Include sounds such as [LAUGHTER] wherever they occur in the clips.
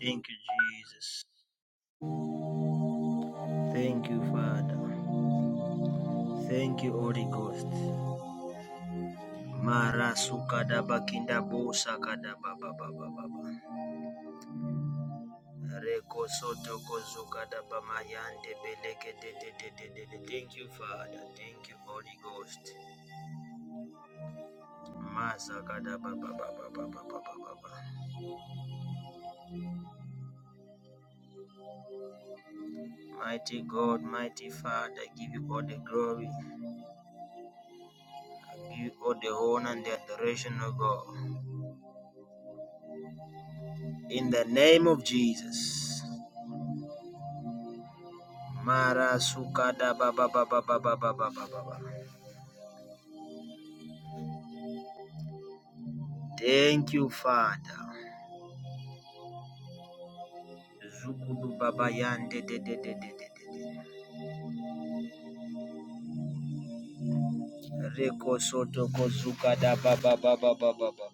Thank you, Jesus. Thank you, Father. Thank you, Holy Ghost. Mara sukada bakinda bosa kada baba baba baba. Reko soto kozuka da bamayande beleke de de de de de Thank you, Father. Thank you, Holy Ghost. Masa kada baba baba baba baba baba. Mighty God, mighty Father, I give you all the glory. I give you all the honor and the adoration, O God. In the name of Jesus. Marasukadabababababababababa. Thank you, Father. Zukulu baba yande de de de de de Reko soto kozuka da baba baba baba baba.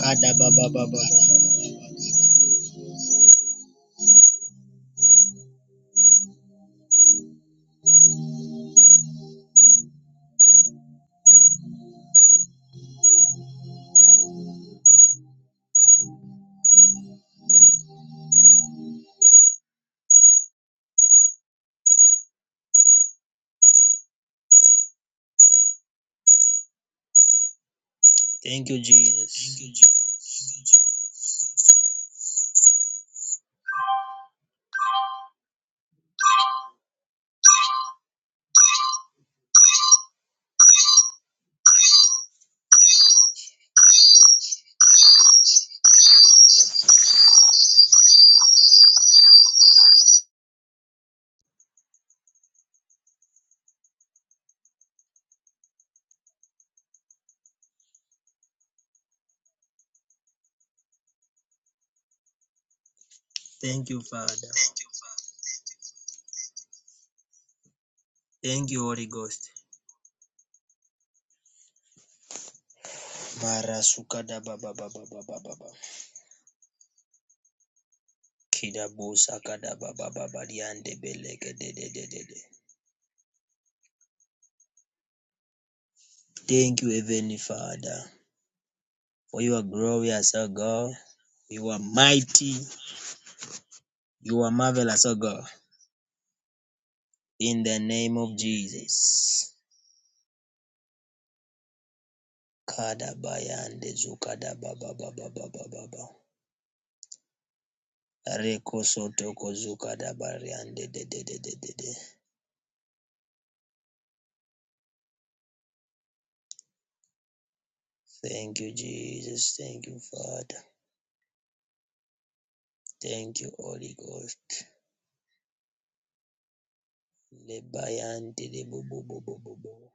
Kada baba baba. Thank you, Jesus. Thank you, Father. Thank you, Holy Ghost. Marasuka da baba baba baba baba. Kida bosa kada baba baba yande beleke de de de de de. Thank you, Heavenly Father, for your glorious, O God. You are mighty. You are marvelous, O God. In the name of Jesus. Kadabayande zukadababababababa. Reko sotoko zukadabariande de- de- de- de- de- de. Thank you, Jesus. Thank you, Father. Thank you, Holy Ghost. Lebayante de bu- bu- bu- bu- bu- bu.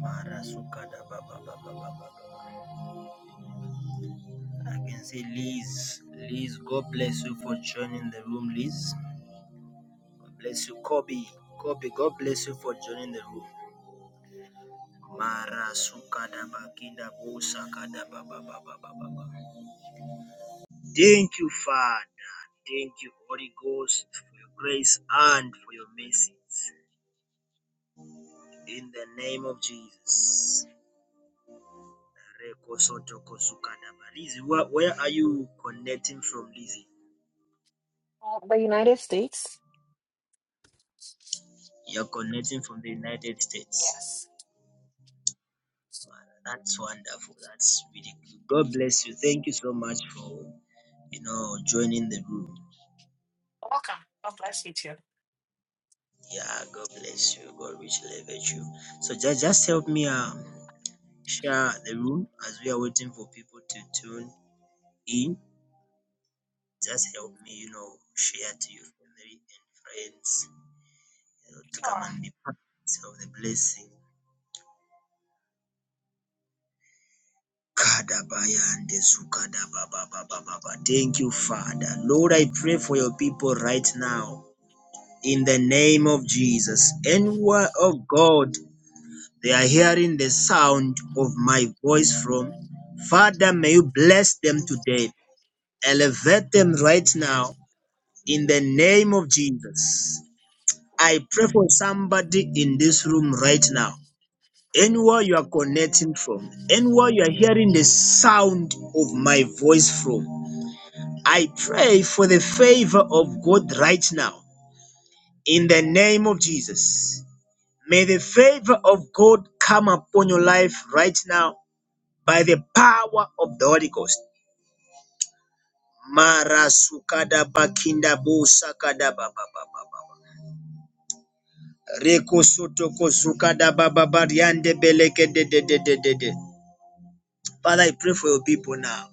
Mara sukadababababababa. I can say Liz. Liz, God bless you for joining the room, Liz. God bless you, Kobe. Kobe, God bless you for joining the room. Thank you, Father. Thank you, Holy Ghost, for your grace and for your mercies. In the name of Jesus. Lizzie, where, where are you connecting from, Lizzie? of the United States. You're connecting from the United States. Yes. That's wonderful. That's really good. God bless you. Thank you so much for you know joining the room. Welcome. God bless you too. Yeah, God bless you. God richly elevate you. So just just help me um share the room as we are waiting for people to tune in. Just help me, you know, share to your family and friends, you know, to come Sure. and be part of the blessing. Kadabaya and the Zukadabababababa. Thank you, Father. Lord, I pray for your people right now. in the name of Jesus. Anywhere, oh God, they are hearing the sound of my voice from, Father, may you bless them today. Elevate them right now in the name of Jesus. I pray for somebody in this room right now. Anywhere you are connecting from, anywhere you are hearing the sound of my voice from, I pray for the favor of God right now in the name of Jesus. May the favor of God come upon your life right now by the power of the Holy Ghost. Mara sukada bakinda de. Father, I pray for your people now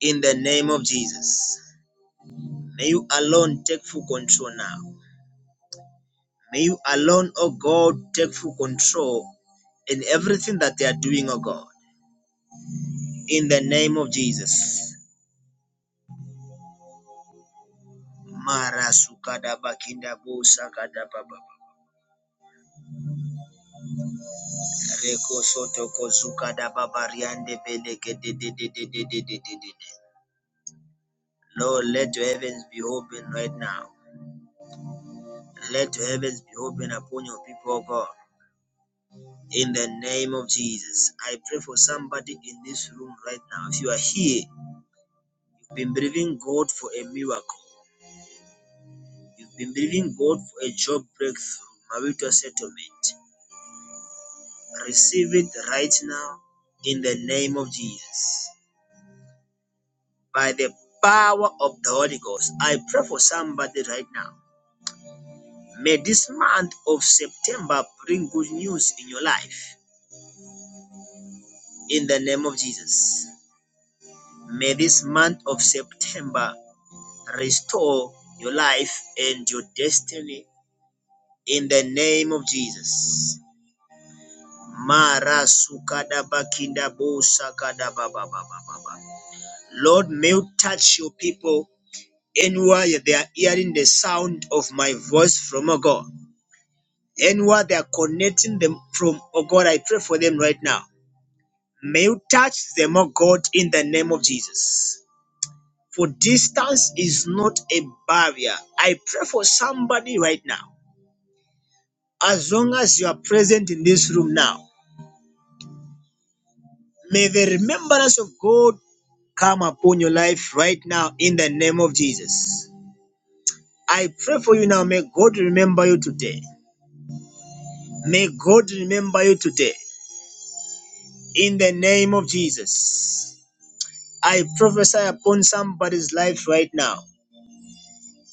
in the name of Jesus. May you alone take full control now. May you alone, oh God, take full control in everything that they are doing, oh God. In the name of Jesus. Mara sukadaba kindabo sakadababa. Reko soto ko sukadababa riande beleke de de de de de de de de de. Lord, let your heavens be open right now. Let your heavens be open upon your people, oh God. In the name of Jesus, I pray for somebody in this room right now. If you are here, you've been believing God for a miracle. You've been believing God for a job breakthrough, marital settlement. Receive it right now in the name of Jesus. By the power of the Holy Ghost, I pray for somebody right now. May this month of September bring good news in your life in the name of Jesus. May this month of September restore your life and your destiny in the name of Jesus. Mara sukada bakinda bo sakada ba ba ba Lord, may you touch your people Anywhere they are hearing the sound of my voice from oh God. Anywhere they are connecting them from oh God, I pray for them right now. May you touch them, oh God, in the name of Jesus. For distance is not a barrier. I pray for somebody right now. As long as you are present in this room now, may the remembrance of God come upon your life right now in the name of Jesus. I pray for you now. May God remember you today. May God remember you today. In the name of Jesus, I prophesy upon somebody's life right now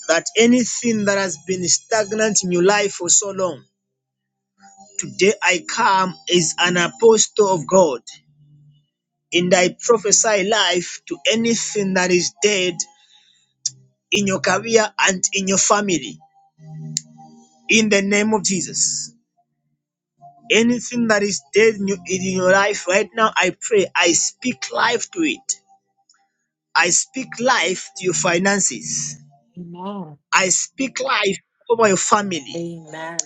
that anything that has been stagnant in your life for so long, today I come as an apostle of God and I prophesy life to anything that is dead in your career and in your family. In the name of Jesus. Anything that is dead in your, in your life right now, I pray, I speak life to it. I speak life to your finances. Amen. I speak life over your family. Amen.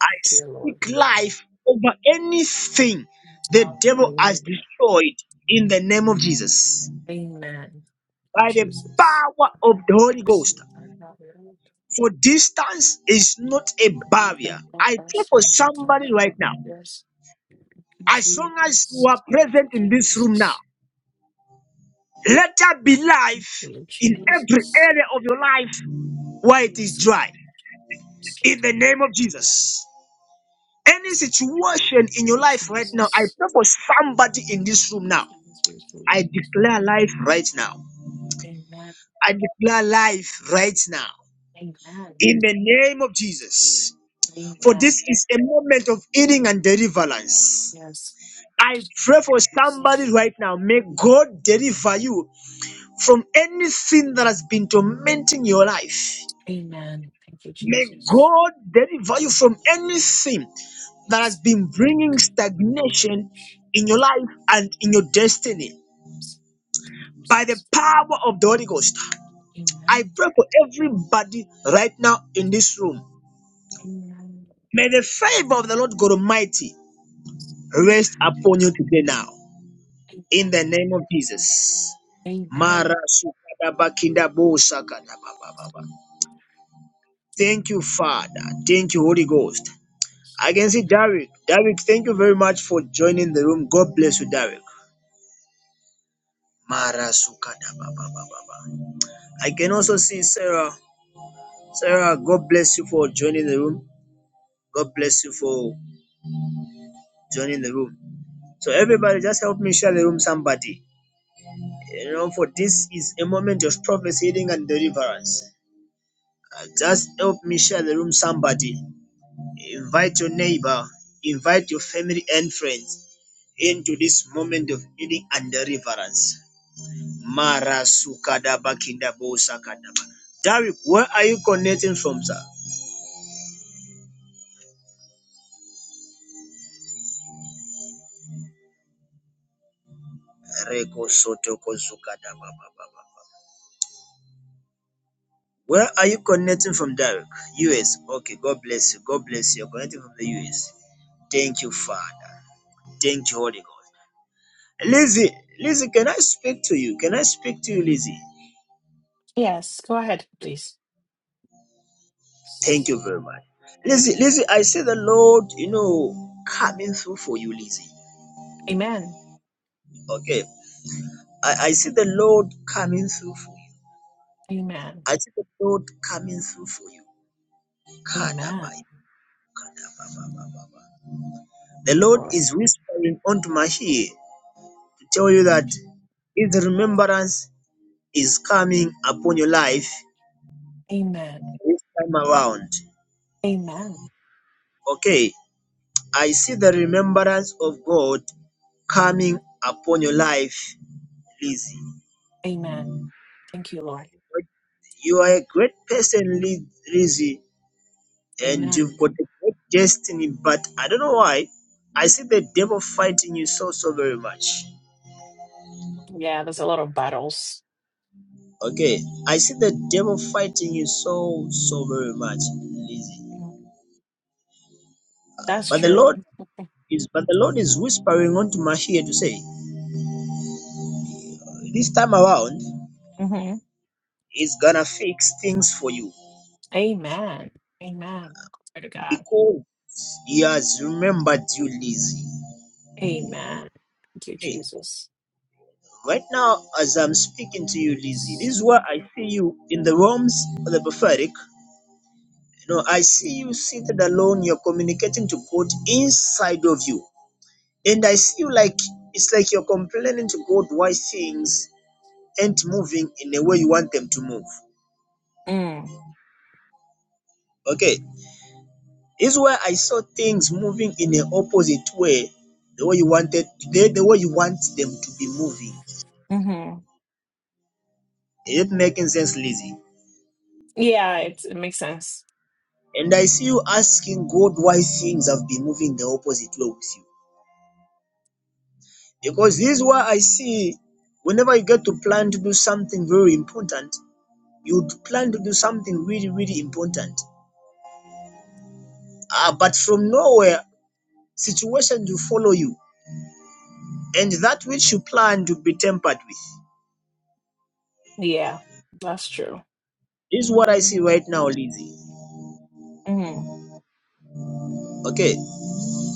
I Thank you, Lord. speak life over anything the devil has Hallelujah. destroyed in the name of Jesus Amen. Thank you, by the Jesus. power of the Holy Yes. Ghost. Thank you, For distance is not a barrier. I pray for somebody right now. Jesus. Thank As long as you are you, present in this room now, Jesus. let there be Thank life you, Lord in every Jesus. area of your life where it is Yes. dry. In the name of Jesus. Any yes, yes. situation in your Lord life right now, I Jesus. pray for somebody in this room now. Thank you, I Jesus. declare life right now. Amen. I declare life right now. Amen. In the name of Jesus. For Amen. this is a moment of healing and deliverance. Yes. I pray for Jesus. somebody right now. May God deliver you from anything that has been tormenting your life. Amen. Thank you, May Jesus. God deliver you from any sin that has Yes, Lord. been bringing stagnation in your life and in your destiny by the power of the Holy Ghost. I Amen. pray for everybody right now in this room. Amen. May the favor of the Lord God Almighty rest upon you today now. In Amen. the name of Jesus. Amen. Mara sukadaba kindabo sakadaba ba ba ba. ba. Thank you, Father. Thank you, Holy Ghost. I can see Derek. Derek, thank you very much for joining the room. God bless you, Derek. Mara sukata ba ba ba ba ba. I can also see Sarah. Sarah, God bless you for joining the room. God bless you for joining the room. So everybody, just help me share the room. Somebody, you know, for this is a moment of prophecy, healing, and deliverance. Uh, just help me share the room. Somebody, invite your neighbor, invite your family and friends into this moment of healing and deliverance. Marasukadaba Kindabo Sakadaba. Derek, where are you connecting from, sir? Reko Sotoko Zukadaba. Where are you connecting from, Derek? US. Okay, God bless you. God bless you. You're connecting from the US. Thank you, Father. Thank you, Holy God. Lizzie, Lizzie, can I speak to you? Can I speak to you, Lizzie? Yes, go ahead, please. Thank you very much. Lizzie, Lizzie, I see the Lord, you know, coming through for you, Lizzie. Amen. Okay. I, I see the Lord coming through for you. Amen. I see the Lord coming through for you. Amen. Kadabai, kadababababa. The Thank you, Lord Lord. is whispering onto my ear to tell you that His remembrance is coming upon your life Amen. this time around. Amen. Okay, I see the remembrance of God coming upon your life, Lizzie. Amen. Thank you, Lord. You are a great person, Lizzie, and you've Amen. got a great destiny, but I don't know why. I see the devil fighting you so, so very much. Yeah, there's a lot of battles. Okay, I see the devil fighting you so so very much, Lizzie. Mm. That's But the true. Lord is but the Lord is whispering onto my ear to say, this time around, Mm-hmm. He's gonna fix things for you Amen. Amen. Glory to God. because He has remembered you, Lizzie. Amen. Thank you, Okay, Jesus. right now as I'm speaking to you, Lizzie, this is where I see you in the realms of the prophetic. You know, I see you seated alone. You're communicating to God inside of you And I see you like it's like you're complaining to God why things ain't moving in the way you want them to move. Mm, Okay. This is where I saw things moving in the opposite way, the way you wanted the, the way you want them to be moving. hmm Is it making sense, Lizzie? Yeah, it's, it makes sense. And I see you asking God why things have been moving the opposite way with you. Because this is where I see whenever you get to plan to do something very important, you plan to do something really, really important. Ah, but from nowhere Situation to follow you, and that which you plan to be tempered with. Yeah, that's true. This is what I see right now, Lizzie. Mm. Okay. Mm.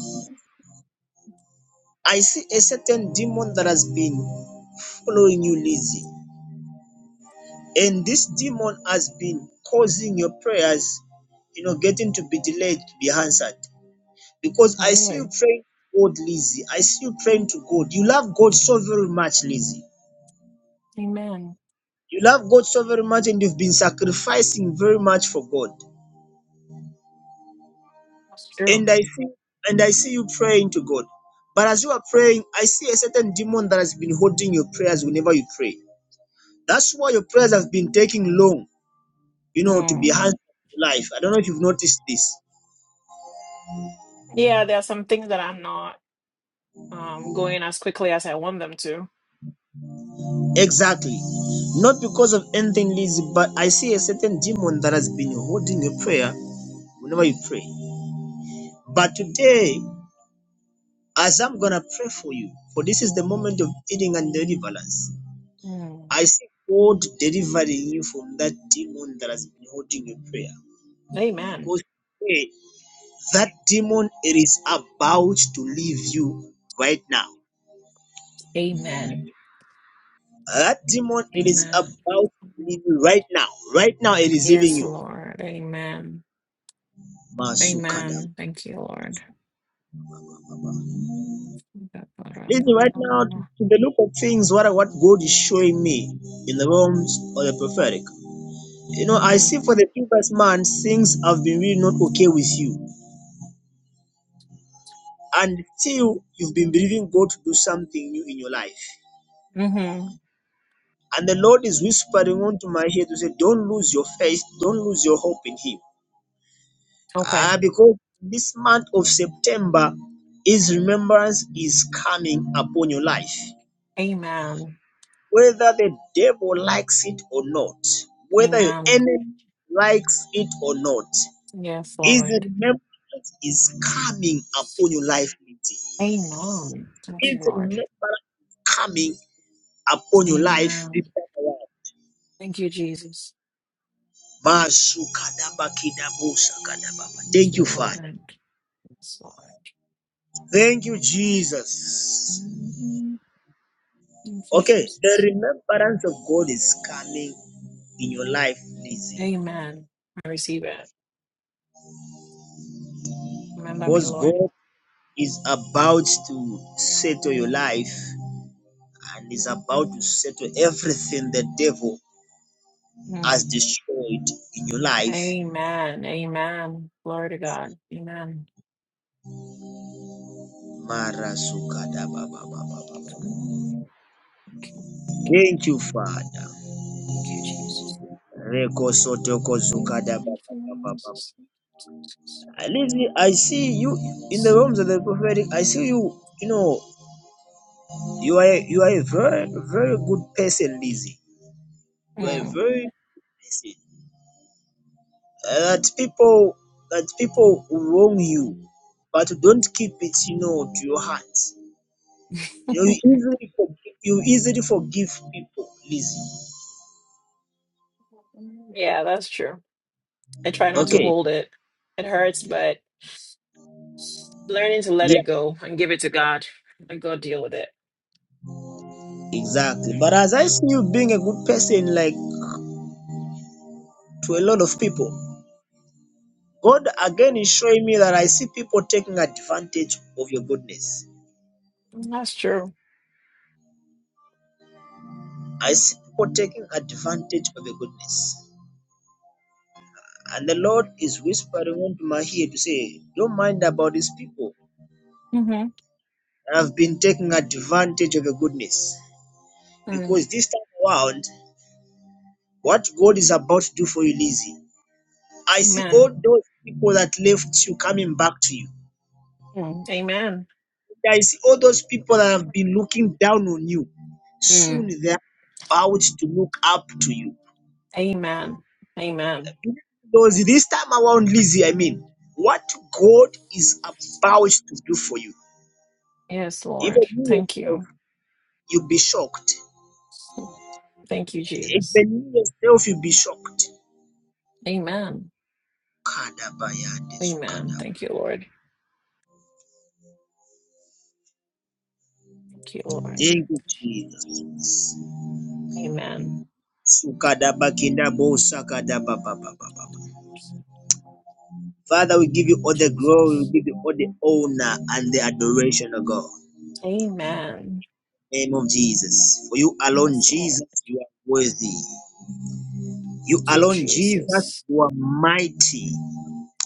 I see a certain demon that has been following you, Lizzie. And this demon has been causing your prayers, you know, getting to be delayed to be answered. Because Oh, I see you really? praying to God, Lizzie. I see you praying to God. You love God so very much, Lizzie. Amen. You love God so very much, and you've been sacrificing very much for God. That's and true. I see and I see you praying to God. But as you are praying, I see a certain demon that has been holding your prayers whenever you pray. That's why your prayers have been taking long, you know, to be Mm. answered in life. I don't know if you've noticed this. Yeah, there are some things that I'm not. um, going as quickly as I want them to. Exactly. Not because of anything lazy, but I see a certain demon that has been holding your prayer whenever you pray. But today, as I'm gonna pray for you, for this is the moment of healing and deliverance. Mm. I see God delivering you from that demon that has been holding your prayer. Amen. Because hey, that demon it is about to leave you right now. Amen. That demon it is Amen. about to leave you right now. Right now it is leaving Yes, you. Lord. Amen. Masukada. Amen. Thank you, Lord. Mm-hmm. Listen, right now, to, to the look of things, what, what God is showing me in the realms of the prophetic. You know, I see for the previous months, things have been really not okay with you until you've been believing God to do something new in your life. Mm-hmm. And the Lord is whispering onto my ear to say, Don't lose your faith, don't lose your hope in Him. Okay. Ah, because this month of September, His remembrance is coming upon your life. Amen. Whether the devil likes it or not, whether your Amen. enemy likes it or not, Yes, His Lord. remembrance is coming upon your life. Lindsay. Amen. Thank you, His Lord. remembrance is coming upon your life this Amen. time around. Thank you, Jesus. Thank Thank you, you, Father. Lord. Yes, Lord. Thank you, Jesus. Mhm. Thank you, Okay, the Jesus. remembrance of God is coming in your life, Lizzie, Amen. I receive it. Remember me, because Lord. God is about to settle your life and is about to settle everything the devil has Mm. destroyed in your life. Amen. Amen. Glory to God. Amen. Mm. Thank Thank you, Father. you, Jesus. Reko Sotoko Thank Zukada ba- you, ba- ba- ba- ba. Jesus. At least I see you in the realms of the prophetic. I see you. You know, you are you are a very very good person, Lizzie. You are a Mm. very good person Uh, that people that people wrong you, but don't keep it. You know, to your heart. You know, [LAUGHS] you easily forgive, you easily forgive people, Lizzie. Yeah, that's true. I try not to Okay. hold it. It hurts, but learning to let Yeah, it go and give it to God and God deal with it. exactly. But as I see you being a good person, like to a lot of people, God again is showing me that I see people taking advantage of your goodness. Mm, That's true. I see people taking advantage of your goodness. And the Lord is whispering into my ear to say, Don't mind about these people hmm that have been taking advantage of your goodness. Mm. Because this time around, what God is about to do for you, Lizzie, I see all Amen. those people that left you coming back to you. Mm. Amen. I see all those people that have been looking down on you. Soon Mm. they're about to look up to you Amen. Amen. Because this time around, Lizzie, I mean, what God is about to do for you, Yes, even Lord. you Thank yourself, you. you'll be shocked. Thank you, Jesus. Even you yourself, you'll be shocked. Amen. Kadabayade Amen. sukada. Thank you, Lord. Thank you, Lord. Thank you, Jesus. Amen. Sukadaba kindabo sakadaba ba ba ba ba ba. Father, we give you all the glory, Jesus. we give you all the honor and the adoration of God. Amen. Name of Jesus. For you alone, Yes, Lord. Jesus, you are worthy. You Thank you, alone, Jesus. Jesus, you are mighty.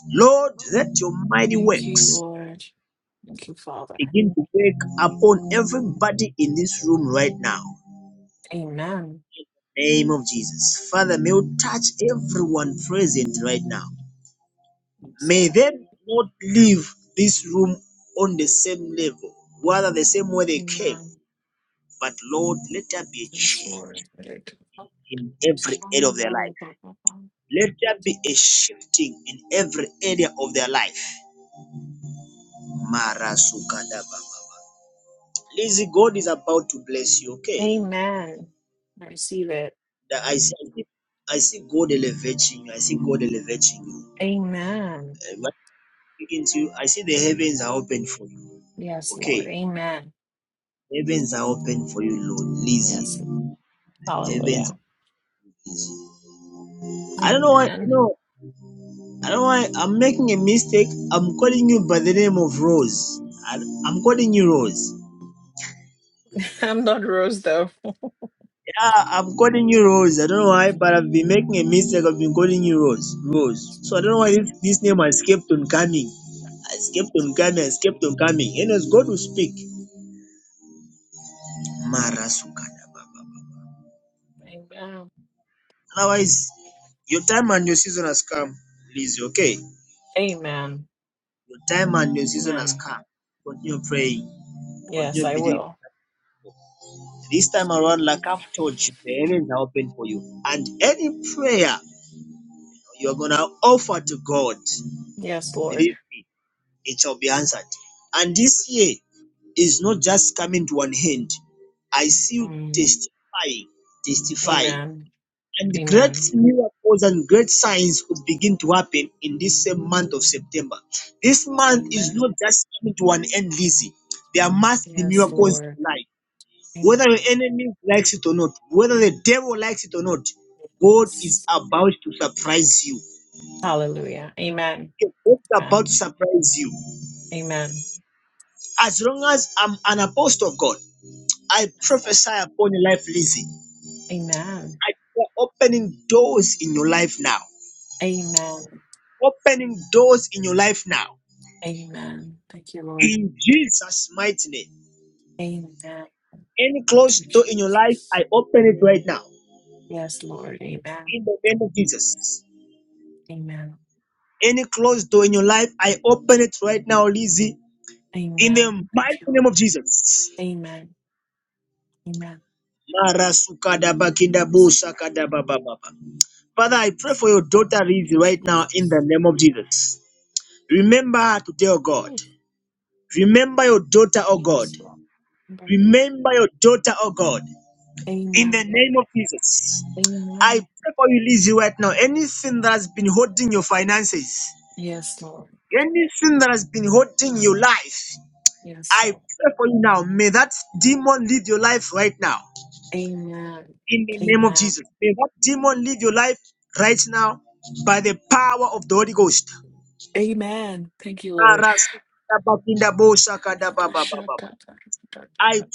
Lord, let your mighty Thank you, works Lord. Thank you, Father. begin to work upon everybody in this room right now. Amen. Name of Jesus. Father, may you touch everyone present right now. Yes, May Lord. they not leave this room on the same level, rather the same way they came. Amen. But Lord, let there be a Yes, change Lord. in every area of their life. Let there be a shifting in every area of their life. Marasukadababa. Lizzie, God is about to bless you, okay? Amen. I receive it. That I see, I see God elevating you. I see God elevating you. Amen. Uh, when I'm speaking to you, I see the heavens are open for you, Yes, Lord. okay? Amen. Heavens are open for you, Lord. Yes. Lizzie, heavens Hallelujah. are Lizzie. I don't know why, you Amen. know, I don't know why I'm making a mistake. I'm calling you by the name of Rose. I, I'm calling you Rose. [LAUGHS] I'm not Rose, though. Yeah, I'm calling you Rose. I don't know why, but I've been making a mistake. I've been calling you Rose. Rose. So I don't know why this, this name has kept on coming. Has kept on coming, has kept on coming. Anyways, God will speak. Mara sukada baba. Amen. Otherwise, your time and your season has come, Lizzie, okay? Amen. Your time and your season has Amen. come. Continue praying, Yes, continue I believing. will. This time around, like I've told you, the heavens are open for you. And any prayer you're going to offer to God, Yes, Lord. believe me, it shall be answered. And this year is not just coming to an end. I see you Mm. testifying, testifying. Amen. And great Amen. miracles and great signs will begin to happen in this same month of September. This month is Amen. not just coming to an end, Lizzie. There must be Yes, miracles Lord. in life. Whether your Amen. enemy likes it or not, whether the devil likes it or not, God is Yes. about to surprise you. Hallelujah. Amen. God is Amen. about to surprise you. Amen. As long as I'm an apostle of God, I Yes, prophesy Lord. upon your life, Lizzie. Amen. I pray opening doors in your life now. Amen. Opening doors in your life now. Amen. Thank you, Lord. In Jesus' mighty name. Amen. Thank Any you, closed door in your life, Jesus. I open it right now. Yes, Lord. Amen. In the name of Jesus. Amen. Any closed door in your life, I open it right now, Lizzie. In the Amen. mighty Thank you. name of Jesus. Amen. Amen. Yes, Lord. Father, I pray Yes, for your Thank daughter Lizzie you, right now in the Jesus. name of Jesus. Remember her today, oh God. Oh, Remember your daughter, oh God. Yes, Lord. Remember me. Remember your daughter, oh God. In Amen, the name Lord. of Jesus. I Amen. pray for you, Lizzie, right now. Anything that has been holding your finances, Yes, Lord. anything that has been holding your life, Yes, I Lord. pray for you now. May that demon leave your life right now. Amen. In the name of Amen. Jesus. May that demon leave your life right now by the power of the Holy Ghost. Amen. Thank you, I Lord.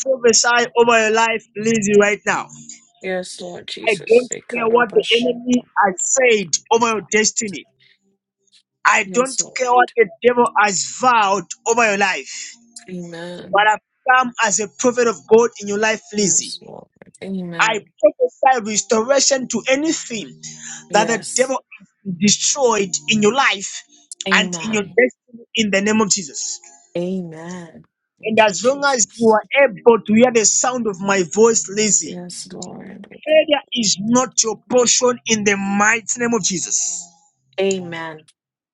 prophesy over your life, Lizzie, right now. Yes, Lord I Jesus. don't care what the enemy has said over your destiny. I don't Yes, care what Lord. the devil has vowed over your life. Amen. But I've come as a prophet of God in your life, Lizzie. Yes, Lord. I Amen. prophesy restoration to anything that the Yes. devil has destroyed in your life and in your Amen. destiny in the name of Jesus. Amen. And Thank you, as long as you Jesus. are able to hear the sound of my voice, Lizzie, Yes, Lord. failure is not your portion in the mighty name of Jesus. Amen.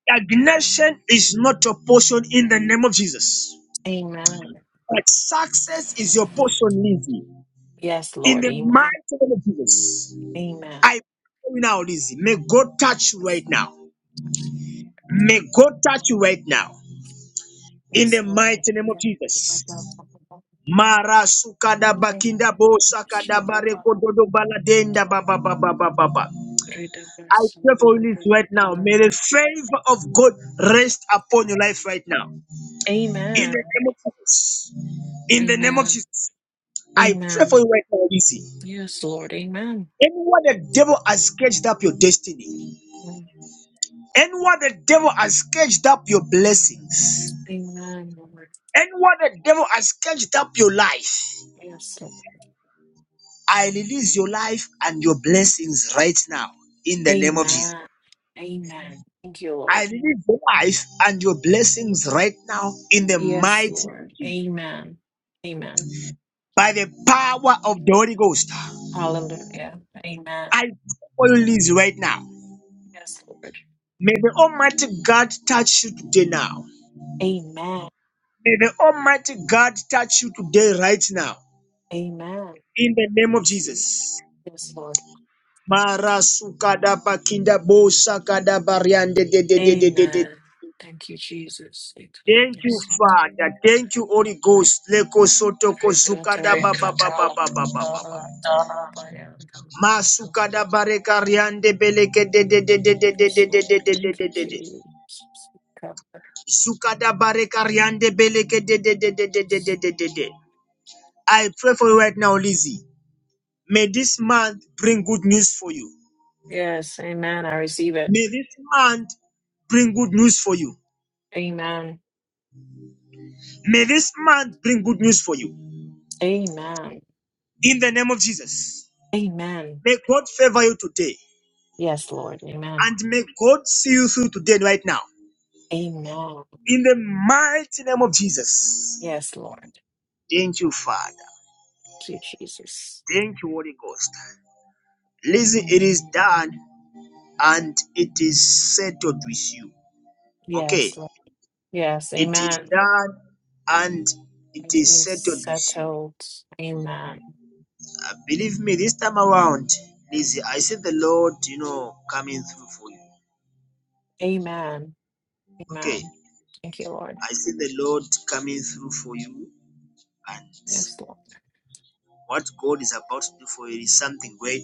Stagnation is not your portion in the name of Jesus. Amen. But success is your portion, Lizzie. Yes, In Lord. the Amen. mighty name of Jesus. Amen. I pray now, Lizzie. May God touch you Yes, right now. Lord. May God touch you right now. In Yes, the Lord. mighty name of Thank you. Abba, Jesus. Abba, Abba. Mara sukada Thank you. bakinda bo sakada Abba, Abba. bareko dodo baladenda ba ba ba ba ba ba ba. Read the I verse. pray Da, for da, you da, Lizzie, da, right now. da, da, May the da. favor of God rest upon your life right now. In the Amen. name of Jesus. In the name of Amen. Jesus, I pray for Amen. you right now, Lizzie. Yes, Lord. Amen. Anywhere the devil has sketched up your destiny, anywhere the devil has sketched up your blessings, Amen, Lord. anywhere the devil has sketched up your life, Yes, I release your life and your blessings right now in the name of Jesus. Amen. Amen. Thank you, I Lord. release your life and your blessings right now in the Yes, mighty name Lord. of Jesus. Amen. Amen. by the Amen. power of the Holy Ghost. Hallelujah. Amen. I pray for you, Lizzie, right now. Yes, Lord. May the Almighty God touch you today now. Amen. May the Almighty God touch you today, right now, Amen. in the name of Thank you. Jesus. Yes, Lord. Mara Amen. Thank you, Jesus. Thank you, Lord. Thank you, Yes, Father. Lord. Thank you, Holy Ghost. Leko soto Pray God, kozukada ba tell ba right, Yes, Lord. Thank you, Jesus. I pray for you right now, Lizzie. May this month bring good news for you. Yes, amen. I receive it. May this month bring good news for you. Amen. May this month bring good news for you. Amen. In the name of Jesus. Amen. May God favor you today. Yes, Lord. Amen. And may God see you through today right now. Amen. In the mighty name of Jesus. Yes, Lord. Thank you, Father. Thank you, Jesus. Thank you, Holy Ghost. Listen, it is Amen. done and it is settled with you. Okay. Yes, Lord. Yes, It is amen. done and it It is is settled with you. settled. Amen. Uh, believe me, this time around, Lizzie, I see the Lord, you know, coming through for you. Amen. Okay, Amen. Thank you, Lord. I see the Lord coming through for you, and Yes, Lord. what God is about to do for you is something great.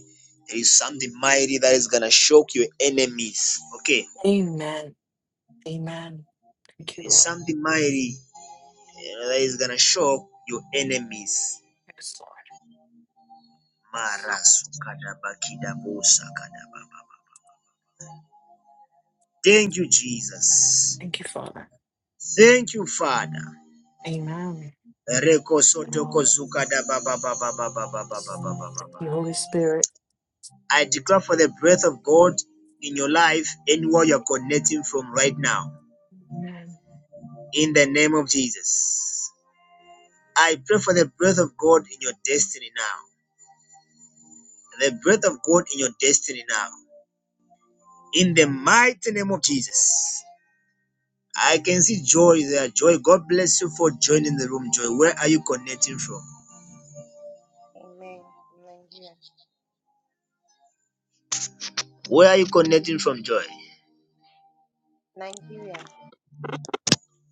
There is something mighty that is gonna shock your enemies. Okay, Amen. Amen. Thank you, there is Lord. something mighty you that is gonna shock your enemies. Yes, Lord. Thank you, Jesus. Thank you, Father. Thank you, Father. Amen. Thank Reko you, sotoko Lord. zuka da ba ba ba ba ba ba ba ba ba ba ba ba Thank you, Holy Spirit. I declare for the breath of God in your life, anywhere you're connecting from right now, in the name of Jesus. I pray for the breath of God in your destiny now. The breath of God in your destiny now. In the mighty name of Jesus. I can see joy there. Joy, God bless you for joining the room, Joy. Where are you connecting from? Amen. From Nigeria. Where are you connecting from, Joy? Nigeria.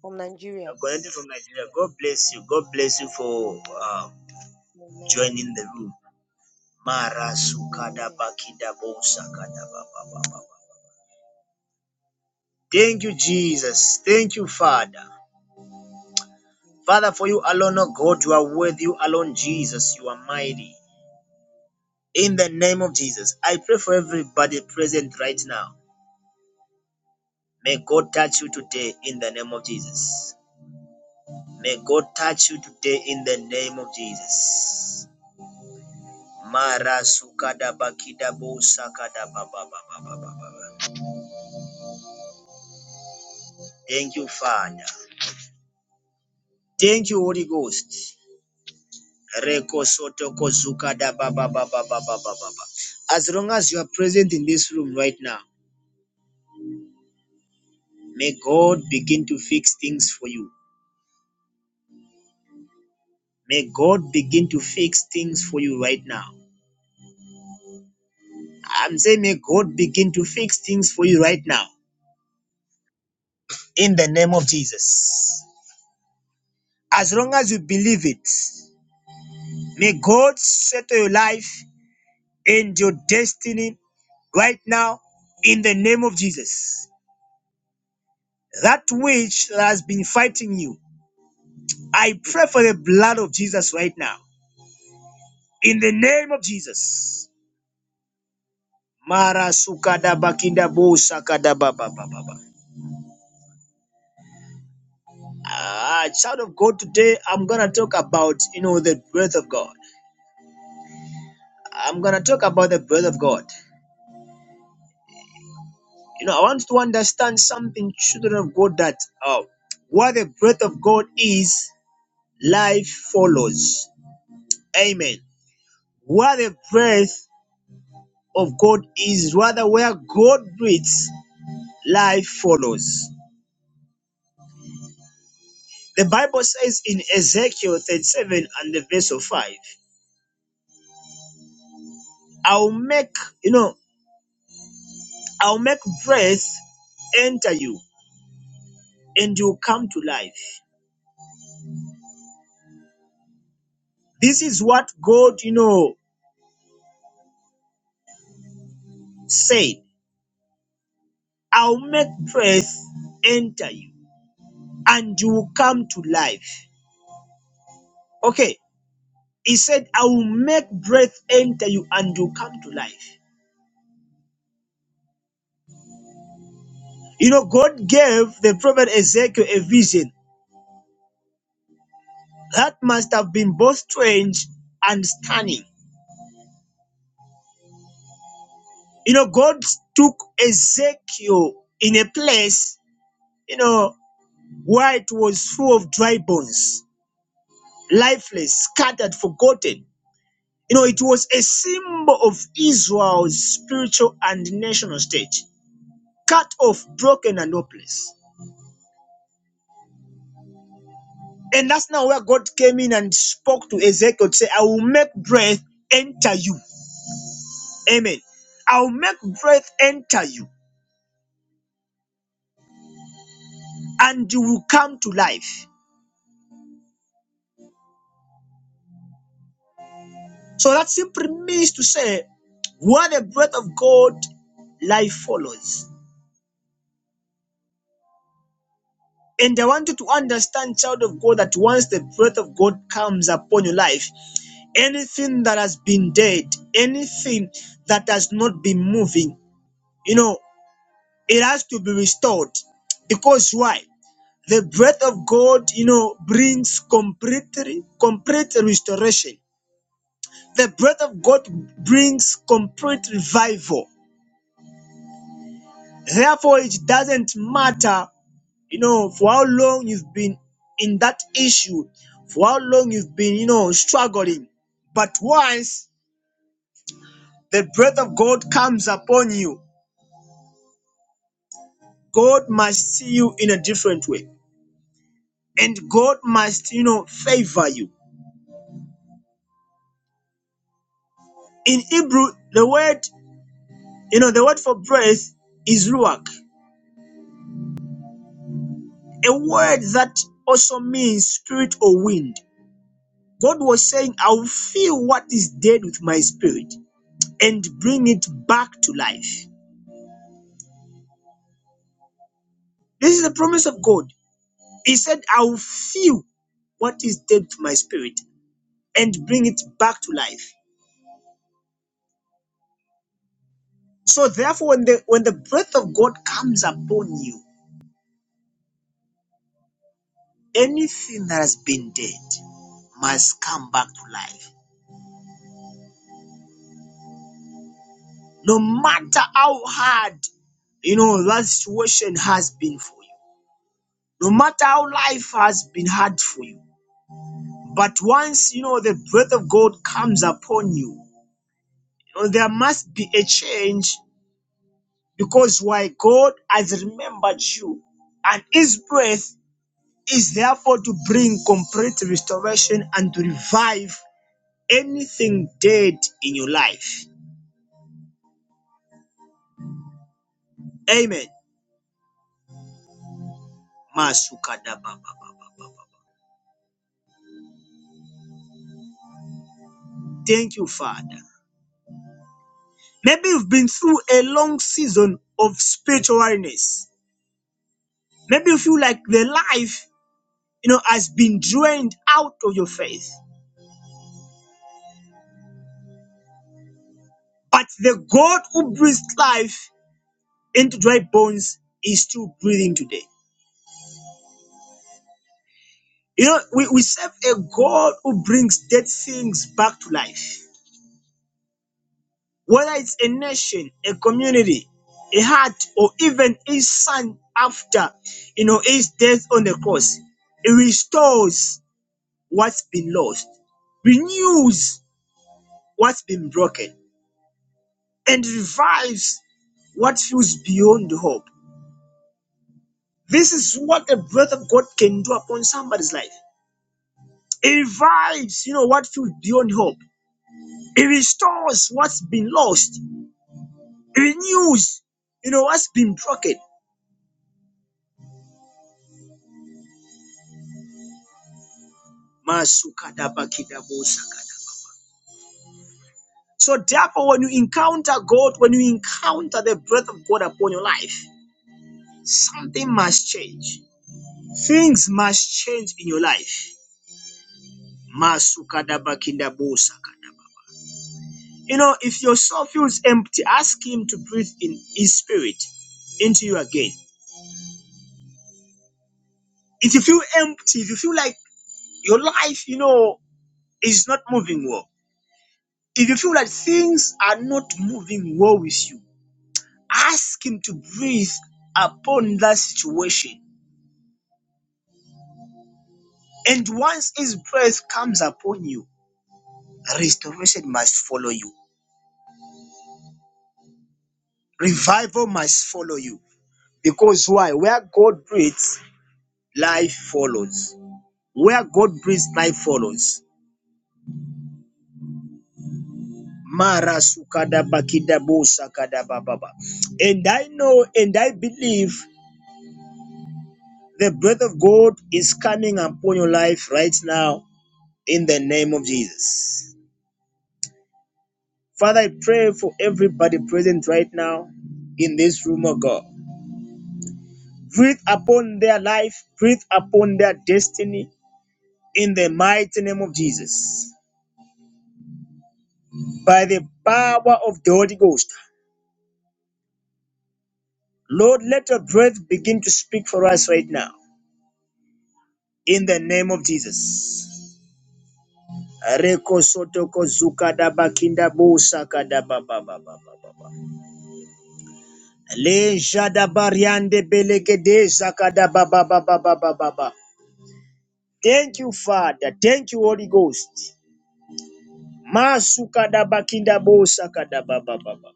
From Nigeria. You're connecting from Nigeria. God bless you. God bless you for uh, Amen. joining the room. Amen. Thank you, Jesus. Thank you, Father. Thank you, Father, Lord for you Jesus. alone, oh God, you are worthy. You alone, Jesus, you are mighty. In the name of Jesus, I pray for everybody present right now. May God touch you today in the name of Jesus. May God touch you today in the name of Jesus. Thank you, Father. Thank you, Holy Ghost. As long as you are present in this room right now, may God begin to fix things for you. May God begin to fix things for you right now. I'm saying may God begin to fix things for you right now. In the name of Jesus. As long as you believe it, may God settle your life and your destiny right now in the name of Jesus. That which has been fighting you, I pray for the blood of Jesus right now in the name of Jesus. Mara sukada bakinda bo sakada ba ba ba ba ba. Ah, child of God, today I'm gonna talk about you know the breath of God. I'm gonna talk about the breath of God. You know, I want to understand something, children of God, that uh, what the breath of God is, life follows. Amen. Where the breath of God is, rather where God breathes, life follows. The Bible says in Ezekiel 37 and the verse of 5, I'll make, you know, I'll make breath enter you and you'll come to life. This is what God, you know, said. I'll make breath enter you and you will come to life. Okay. He said, I will make breath enter you and you come to life. You know, God gave the prophet Ezekiel a vision that must have been both strange and stunning. You know, God took Ezekiel in a place, you know, where it was full of dry bones, lifeless, scattered, forgotten. You know, it was a symbol of Israel's spiritual and national state, cut off, broken, and hopeless. And that's now where God came in and spoke to Ezekiel to say, I will make breath enter you. Amen. I'll make breath enter you and you will come to life. So that simply means to say, where the breath of God, life follows. And I want you to understand, child of God, that once the breath of God comes upon your life, anything that has been dead, anything that has not been moving, you know, it has to be restored. Because why? The breath of God, you know, brings completely complete restoration The breath of God brings complete revival. Therefore, it doesn't matter, you know, for how long you've been in that issue, for how long you've been, you know, struggling. But once the breath of God comes upon you, God must see you in a different way. And God must, you know, favor you. In Hebrew, the word, you know, the word for breath is ruach, a word that also means spirit or wind. God was saying, I'll fill what is dead with my spirit and bring it back to life. This is the promise of God. He said, I'll fill what is dead with my spirit and bring it back to life. So therefore, when the when the breath of God comes upon you, anything that has been dead must come back to life. No matter how hard you know that situation has been for you, no matter how life has been hard for you But once you know the breath of God comes upon you, you know, there must be a change because why God has remembered you, and His breath is therefore to bring complete restoration and to revive anything dead in your life. Amen. Masukadababa. Thank you, Father. Maybe you've been through a long season of spiritual weariness. Maybe you feel like the life, you know, has been drained out of your faith. But the God who breathes life into dry bones is still breathing today. You know, we, we serve a God who brings dead things back to life. Whether it's a nation, a community, a heart, or even his son after, you know, his death on the cross, he restores what's been lost, renews what's been broken, and revives what feels beyond hope. This is what the breath of God can do upon somebody's life. It revives, you know, what feels beyond hope. It restores what's been lost. It renews, you know, what's been broken. Masukadabakidabosakadaba. So therefore, when you encounter God, when you encounter the breath of God upon your life, something must change. Things must change in your life. Masukadabakidabosakadaba. You know, if your soul feels empty, ask Him to breathe in His Spirit into you again. If you feel empty, if you feel like Your life, you know, is not moving well. If you feel that things are not moving well with you, ask Him to breathe upon that situation. And once His breath comes upon you, restoration must follow you, revival must follow you. Because why? Where God breathes, life follows. Where God breathes, life follows. Mara sukada bakida bo sakada bababa. And I know and I believe The breath of God is coming upon your life right now in the name of Jesus. Father, I pray for everybody present right now in this room, oh God. Breathe upon their life, breathe upon their destiny in the mighty name of Jesus. By the power of the Holy Ghost, Lord, let your breath begin to speak for us right now in the name of Jesus. Reko sotoko zuka daba bo saka daba ba ba ba ba ba. Le jadabariande belegede Zakada baba. Baba Baba Baba. Thank you, Father. Thank you, Holy Ghost. Masukada bakinda bo sakada baba baba.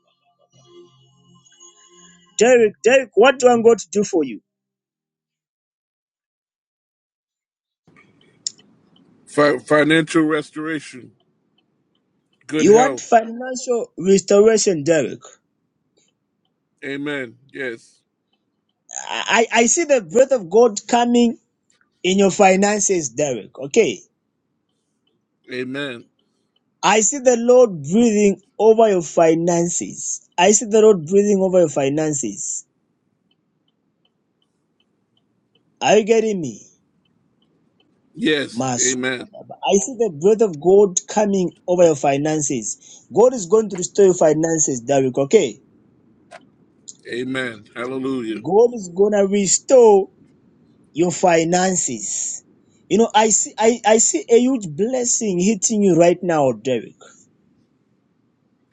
Derek, Derek, what do I got to do for you? Fi- financial restoration, good You want health. financial restoration, Derek. Amen. Yes. I, I I see the breath of God coming in your finances, Derek. Okay. Amen. I see the Lord breathing over your finances. I see the Lord breathing over your finances. Are you getting me? Yes. Amen. Masukadaba. I see the breath of God coming over your finances. God is going to restore your finances, Derek. Okay. Amen. Hallelujah. God is gonna restore your finances. You know, I see I, I see a huge blessing hitting you right now, Derek.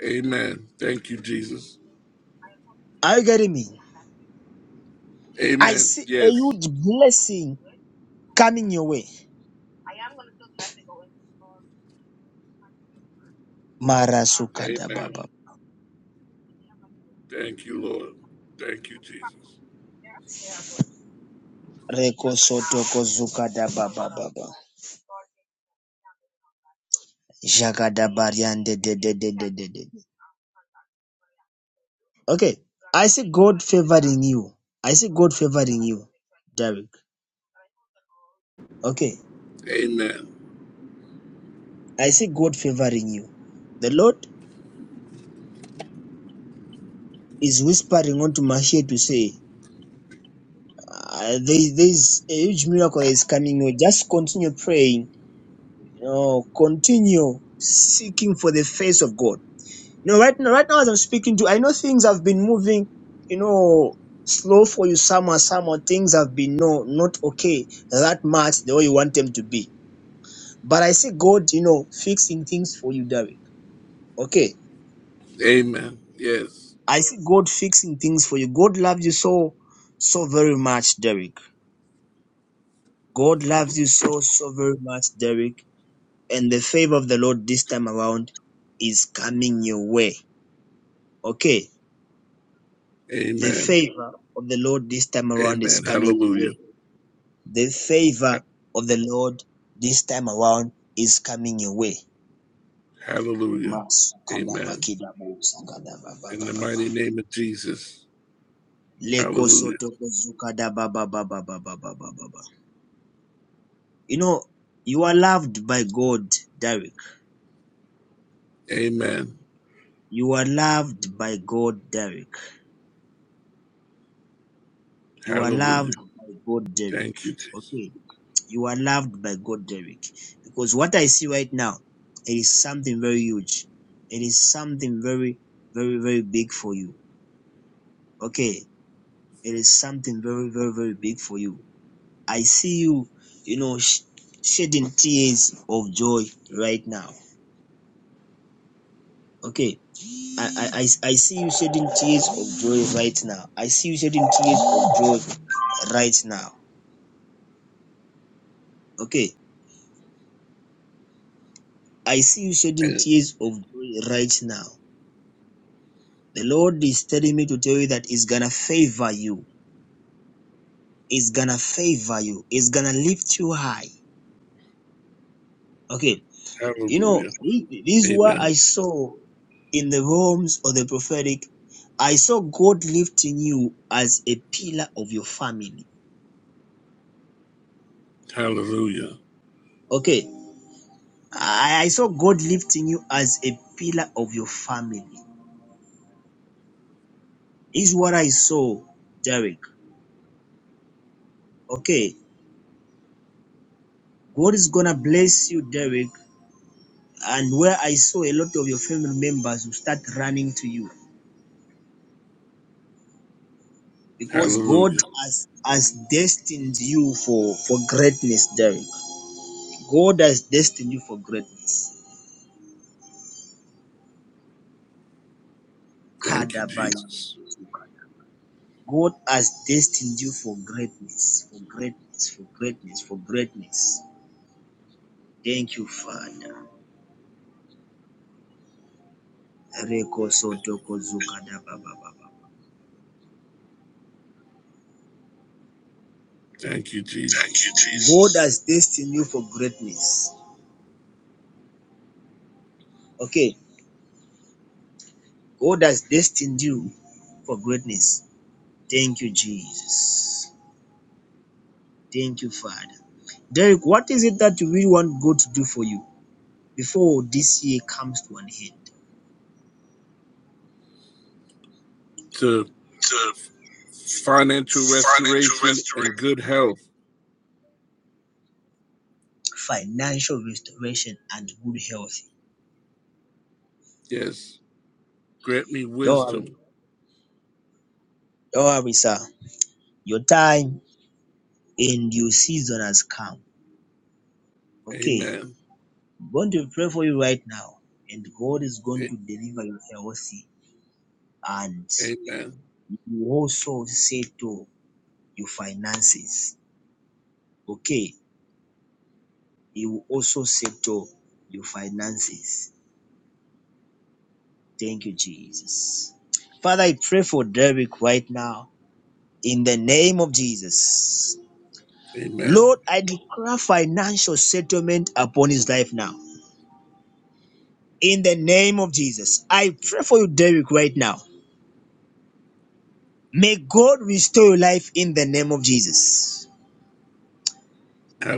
Amen. Thank you, Jesus. Are you getting me? I Amen. see a Yes. huge blessing coming your way. Amen. Marasukadababa. Thank you, Lord. Thank you, Jesus. Reko sotoko zukadabababa. Jagadabariande de de de de de de. Okay. I see God favoring you. I see God favoring you, Derek. Okay. Amen. I see God favoring you. The Lord is whispering onto my ear to say, uh, there, there is a huge miracle is coming. You Just continue praying. You know, continue seeking for the face of God. You know, right now, right now as I'm speaking to you, I know things have been moving, you know, slow for you somehow, somehow things have been no, not okay that much the way you want them to be But I see God, you know, fixing things for you, Derek. Okay. Amen. Yes. I see God fixing things for you. God loves you so, so very much, Derek. God loves you so, so very much, Derek. And the favor of the Lord this time around is coming your way. Okay. The Amen. favor of the Lord this time around is Amen. coming your Hallelujah. way. The favor of the Lord this time around is coming your way. Hallelujah. Mas- kada- ba- Amen. kida- bo- sakada- ba- ba- In ba- ba- the ba. mighty name of Jesus. Leko Hallelujah. soto kozuka da ba ba ba ba ba ba ba ba ba ba. You know, you are loved by God, Derek. Amen. You are loved by God, Derek. You are Hallelujah. loved by God, Derek. Thank you, Jesus. Okay, you are loved by God, Derek. Because what I see right now, it is something very huge. It is something very, very, very big for you. Okay, it is something very, very, very big for you. I see you, you know, sh- shedding tears of joy right now. Okay, I, I, I see you shedding tears of joy right now. I see you shedding tears of joy right now. Okay. I see you shedding tears of joy right now. The Lord is telling me to tell you that He's gonna favor you. He's gonna favor you. He's gonna lift you high. Okay. You know, Hallelujah. this is what Amen. I saw in the realms of the prophetic. I saw God lifting you as a pillar of your family. Hallelujah. Okay. I, I saw God lifting you as a pillar of your family. Is what I saw, Derek. Okay. God is gonna bless you, Derek. And where I saw a lot of your family members will start running to you. Because God Hallelujah. has, has destined you for, for greatness, Derek. God has destined you for greatness. Thank you, Kadabaya. Jesus. God has destined you for greatness, for greatness, for greatness, for greatness. Thank you, Father. Rekosotokozukadabababa. Thank you, Jesus. God has destined you for greatness. Okay. God has destined you for greatness. Thank you, Jesus. Thank you, Father. Derek, what is it that you really want God to do for you before this year comes to an end? To To financial financial restoration restoration. and good health. Financial restoration and good health. Yes. Grant me Don't worry. wisdom. Don't worry, sir. Your time and your season has come. Okay. Amen. I'm going to pray for you right now, and God is going to A- deliver you healthy, and Amen. He will also settle your finances. Okay, He will also settle your finances. Thank you, Jesus. Father, I pray for Derek right now in the name of Jesus. Amen. Lord, I declare financial settlement upon his life now. In the name of Jesus, I pray for you, Derek, right now. May God restore your life in the name of Jesus.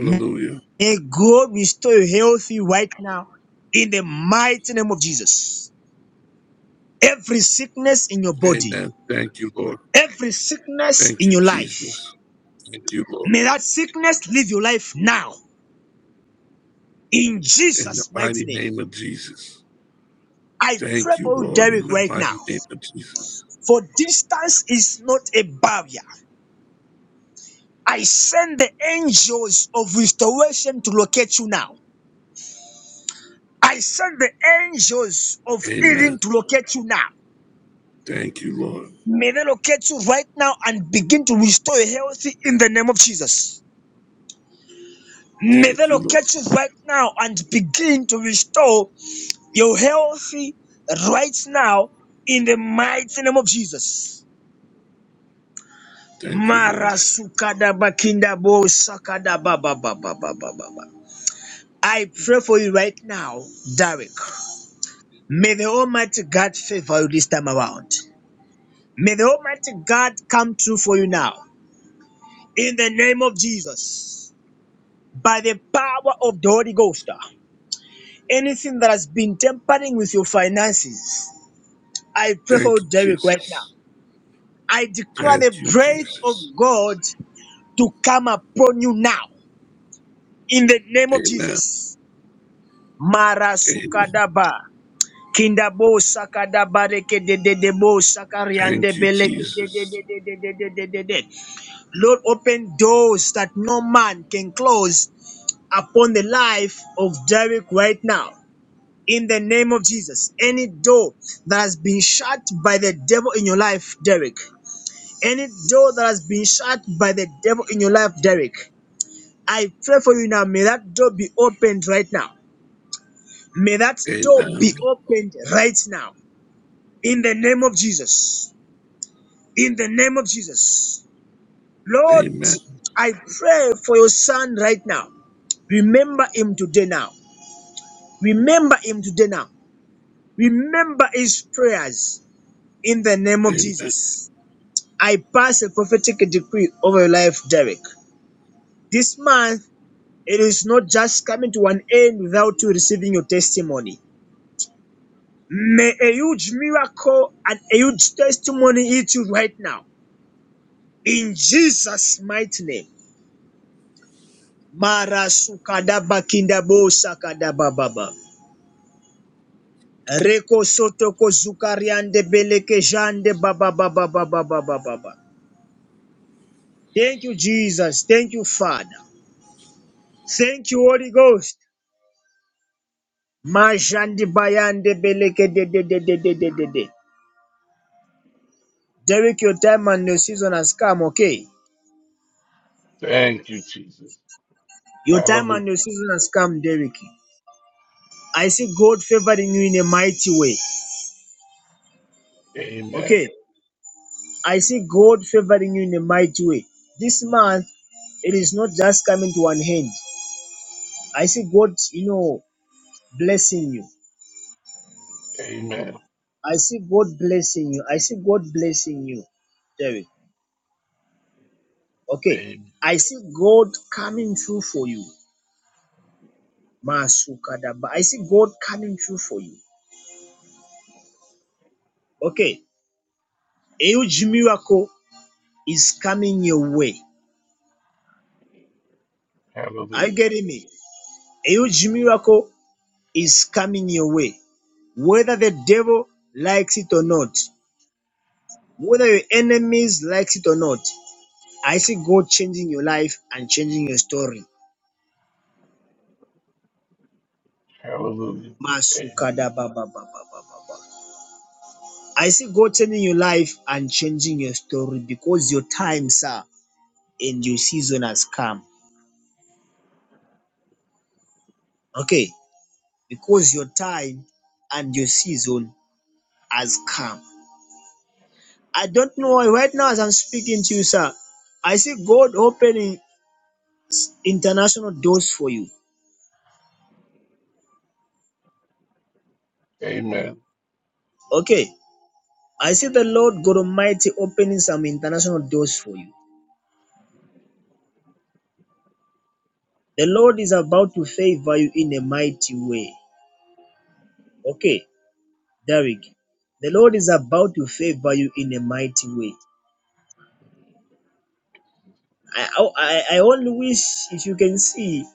May God restore you healthy right now in the mighty name of Jesus. Every sickness in your body, Amen. Thank you, Lord. every sickness Thank in you, your life, Jesus. Thank you, Lord. may that sickness leave your life now in In the Jesus' mighty mighty name. name of Jesus. I pray Thank you, for you, Lord. In Derek, the right now. mighty name of Jesus. For distance is not a barrier. I send the angels of restoration to locate you now. I send the angels of Amen. healing to locate you now. Thank you, Lord. May they locate you right now and begin to restore your health in the name of Jesus. May they Thank you, Lord. locate you right now and begin to restore your health right now in the mighty name of Jesus. Thank you, Lord. Mara sukada bakinda bo sakada ba ba ba ba ba ba ba. ba. I pray for you right now, Derek. May the Almighty God favor you this time around. May the Almighty God come true for you now. In the name of Jesus, by the power of the Holy Ghost, anything that has been tampering with your finances, I pray for Thank you, Derek right now. Jesus. I declare the Thank you, breath of Jesus. God to come upon you now. In the name of Amen. Jesus. Amen. Marasukadaba. Kindabo sakadaba rekedededebo Thank you, sakariandebele Jesus. kedededededededede. Lord, open doors that no man can close upon the life of Derek right now. In the name of Jesus, any door that has been shut by the devil in your life, Derek, any door that has been shut by the devil in your life, Derek, I pray for you now. May that door be opened right now. May that door be Amen. opened right now. In the name of Jesus. In the name of Jesus. Lord, Amen. I pray for your son right now. Remember him today now. Remember him today now. Remember his prayers in the name of Amen. Jesus. I pass a prophetic decree over your life, Derek. This month, it is not just coming to an end without you receiving your testimony. May a huge miracle and a huge testimony hit you right now. In Jesus' mighty name. Mara sukadaba kindabo sakadaba baba. Reko soto ko zukariande beleke jande ba ba ba ba ba Thank you, Jesus. Thank you, Father. Thank you, Holy Ghost. Majandi bayande beleke de de de de de de de de. Derek, your time and your season has come, okay? Thank you, Jesus. Your time Hallelujah. and your season has come, Derek. I see God favoring you in a mighty way, Amen. okay? I see God favoring you in a mighty way. This month, it is not just coming to one hand. I see God, you know, blessing you. Amen. I see God blessing you. I see God blessing you, Derek. Okay. Amen. I see God coming through for you. Masukadaba. I see God coming through for you. Okay. A huge miracle is coming your way. Are you Hallelujah. getting me? A huge miracle is coming your way. Whether the devil likes it or not, whether your enemies likes it or not, I see God changing your life and changing your story. Hallelujah. A- Masukadabababababa. I see God turning your life and changing your story because your time, sir, and your season has come. Okay, because your time and your season has come. I don't know why right now as I'm speaking to you, sir. I see God opening international doors for you. Amen. Okay. I see the Lord God Almighty opening some international doors for you. The Lord is about to favor you in a mighty way. Okay, Derek. The Lord is about to favor you in a mighty way. I, I, I only wish if you can see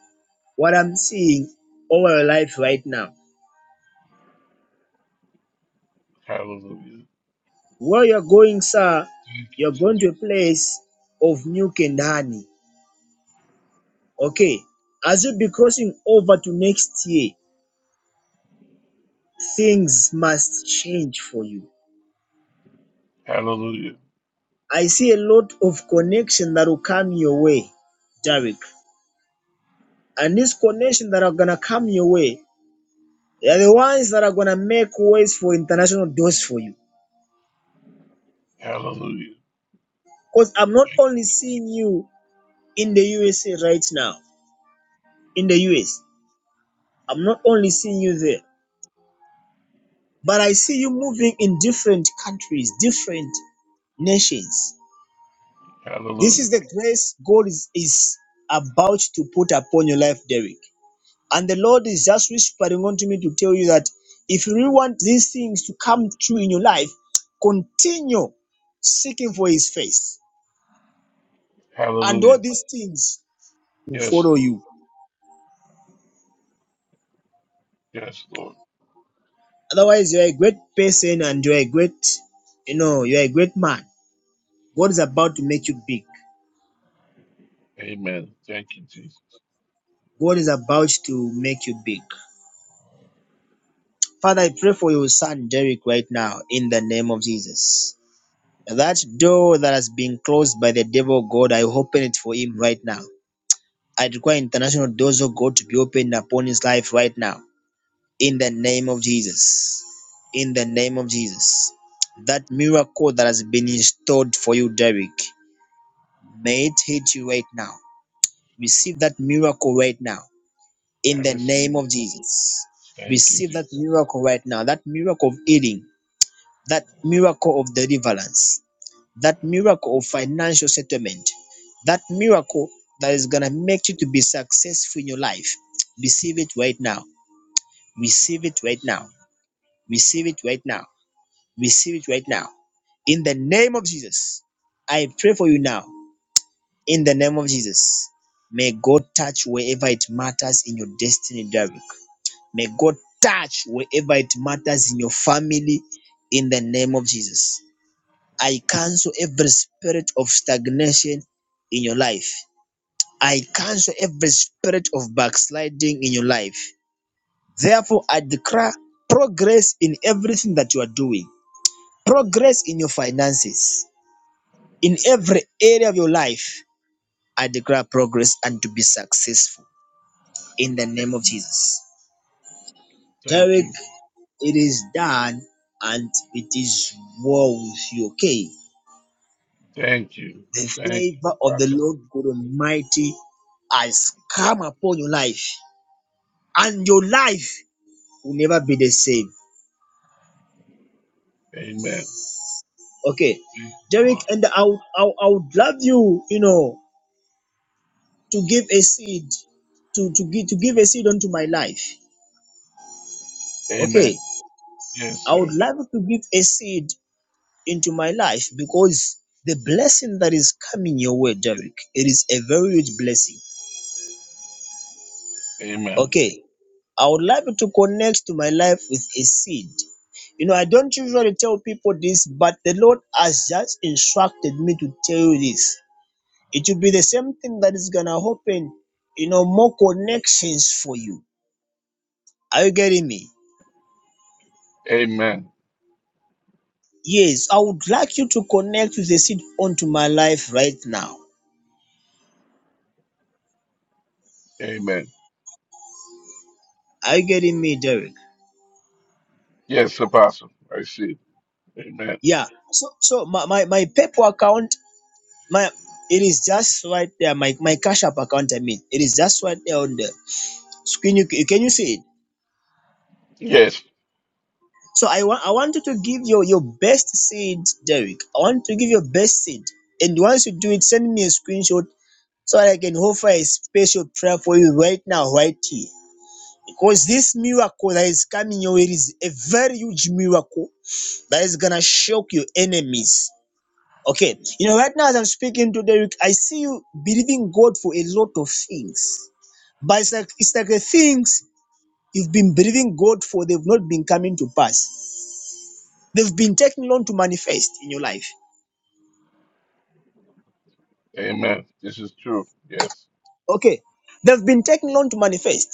what I'm seeing over your life right now. Hallelujah. Where you're going, sir, Thank you, you're going Jesus. to a place of new Kendani. Okay. As you be crossing over to next year, things must change for you. Hallelujah. I see a lot of connection that will come your way, Derek. And this connection that are gonna come your way, they are the ones that are gonna make ways for international doors for you. Hallelujah. Because I'm not only seeing you in the USA right now, in the US. I'm not only seeing you there, but I see you moving in different countries, different nations. This Hallelujah. is the grace God is, is about to put upon your life, Derek. And the Lord is just whispering unto me to tell you that if you really want these things to come true in your life, continue seeking for His face, and Hallelujah. all these things will Yes, follow Lord. you. Yes, Lord. Otherwise, you are a great person and you are a great, you know, you are a great man God is about to make you big. Amen. Thank you, Jesus. God is about to make you big. Father, I pray for your son Derek right now in the name of Jesus. That door that has been closed by the devil, God, I open it for him right now. I require international doors of God to be opened upon his life right now in the name of Jesus. In the name of Jesus. That miracle that has been installed for you, Derek, may it hit you right now. Receive that miracle right now I in the receive name of it. Jesus. Thank you, Receive that Jesus. miracle right now, that miracle of healing, that miracle of deliverance, that miracle of financial settlement, that miracle that is going to make you to be successful in your life. Receive it right now. Receive it I right now. receive it. Receive it right now. Receive it right now. In the name of Jesus, I pray for you now. In the name of Jesus, may God touch wherever it matters in your destiny, Derek. May God touch wherever it matters in your family in the name of Jesus. I cancel every spirit of stagnation in your life. I cancel every spirit of backsliding in your life. Therefore, I declare progress in everything that you are doing, progress in your finances, in every area of your life. I declare progress and to be successful in the name of Jesus. Thank Derek, you. It is done and it is well with you. Okay. Thank you. The Thank you, favor of the Apostle. Lord God Almighty has come upon your life, and your life will never be the same. Amen. Okay. Thank you, Derek, Lord. and I would, I would I would love you, you know, to give a seed, to, to, give, to give a seed unto my life. Okay. Amen. Yes, I sir. would love you to give a seed into my life because the blessing that is coming your way, Derek, it is a very huge blessing. Amen. Okay I would like you to connect to my life with a seed. You know, I don't usually tell people this, but the Lord has just instructed me to tell you this. It will be the same thing that is gonna open, you know, more connections for you. Are you getting me? Amen. Yes, I would like you to connect with the seed onto my life right now. Amen. Are you getting me, Derek? Yes, Apostle. I see. it. Amen. Yeah. So so my, my, my PayPal account, my it is just right there. My my cash app account, I mean, it is just right there on there. Can you, can you see it? Yes. So I want I want you to give your, your best seed, Derek. I want to give your best seed. And once you do it, send me a screenshot so that I can offer a special prayer for you right now, right here. Because this miracle that is coming your way is a very huge miracle that is gonna shock your enemies. Okay, you know, right now as I'm speaking to Derek, I see you believing God for a lot of things. But it's like it's like the things you've been believing God for, they've not been coming to pass. They've been taking long to manifest in your life. Amen. This is true. Yes. Okay. They've been taking long to manifest.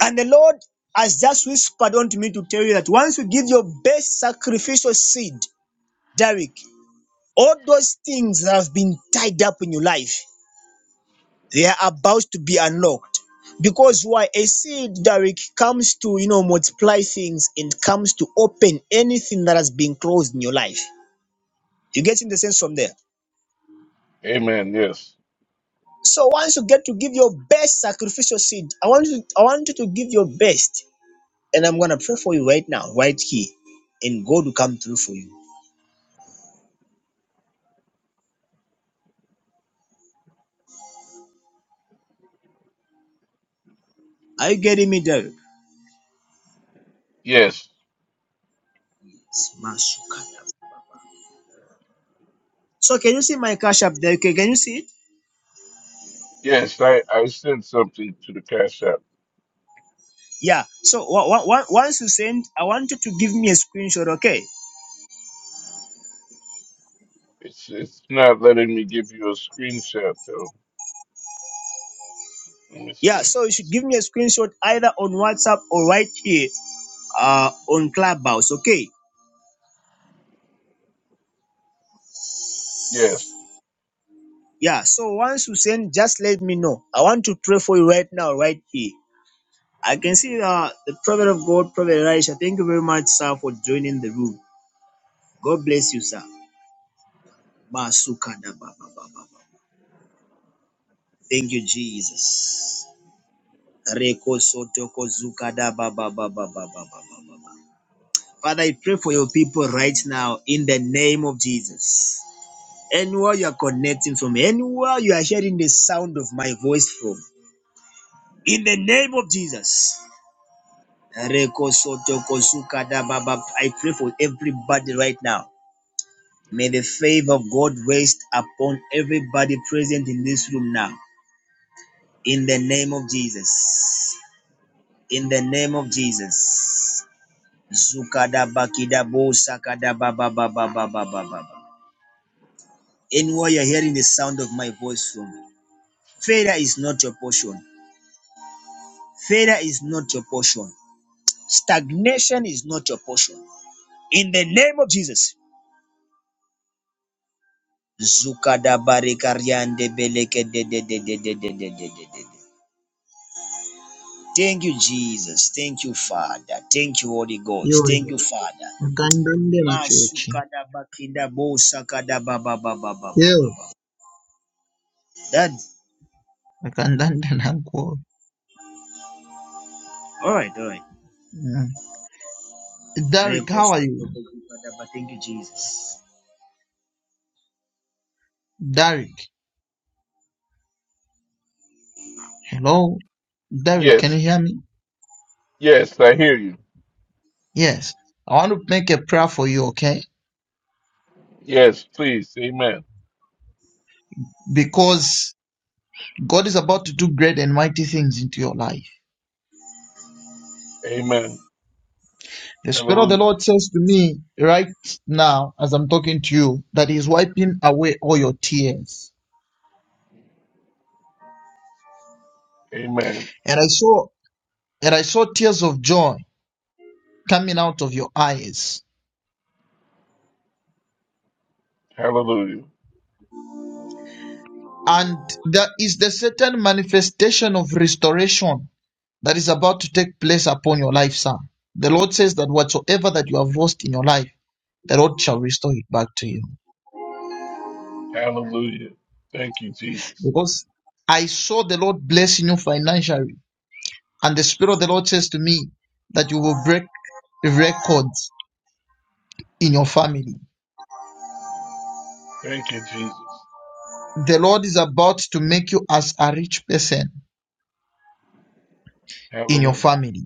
And the Lord has just whispered unto me to tell you that once you give your best sacrificial seed, Derek, all those things that have been tied up in your life, they are about to be unlocked. Because why a seed, Derek, comes to you know multiply things and comes to open anything that has been closed in your life. You getting the sense from there? Amen. Yes. So once you get to give your best sacrificial seed, I want you, I want you to give your best, and I'm gonna pray for you right now, right here, and God will come through for you. Are you getting me, David? Yes. Smashukada. So can you see my cash up there? Okay, can you see it? Yes. I, I sent something to the cash app. Yeah. So wa- wa- wa- once you send, I want you to give me a screenshot. Okay. It's it's not letting me give you a screenshot though. Let me Yeah. see. So you should give me a screenshot either on WhatsApp or right here, uh, on Clubhouse. Okay. Yes. Yeah. So once you send, just let me know. I want to pray for you right now, right here I can see uh, the prophet of God, Prophet Elisha. Thank you very much, sir, for joining the room. God bless you, sir. Basukada ba ba ba ba ba. Thank you, Jesus. Reko soto ko zukada ba ba ba ba ba ba ba ba ba Father, I pray for your people right now in the name of Jesus. Anywhere you are connecting from, anywhere you are hearing the sound of my voice from, in the name of Jesus. Reko soto ko zukada ba ba. I pray for everybody right now May the favor of God rest upon everybody present in this room now. In the name of Jesus. In the name of Jesus. Zukada bakida bo sakada ba ba ba ba ba ba ba ba. ba. Anywhere you're hearing the sound of my voice from, failure is not your portion. Failure is not your portion. Stagnation is not your portion. In the name of Jesus. Zukada barikariande beleke de de de de de de de de de de. Thank you, Jesus. Thank you, Father. Thank you, Holy Ghost. Thank yoyo you, Father. akandondela chochi Masukadabakinda yo bosakadabababababababa. akandandela go all right, all right. yeah. derek how are you Rekosotokokukadaba. Thank you, Jesus. derek hello derek can Yes. you hear me Yes. I hear you. yes i want to make a prayer for you okay Yes. Please. Amen. because god is about to do great and mighty things into your life Amen. the spirit of Hallelujah. the lord says to me right now as i'm talking to you that he's wiping away all your tears Amen. and i saw and i saw tears of joy coming out of your eyes Hallelujah. And there is the certain manifestation of restoration that is about to take place upon your life, sir. The Lord says that whatsoever that you have lost in your life, the Lord shall restore it back to you. Hallelujah. Thank you, Jesus. Because I saw the Lord blessing you financially, and the Spirit of the Lord says to me that you will break records in your family. Thank you, Jesus. The Lord is about to make you as a rich person in your Hallelujah. family.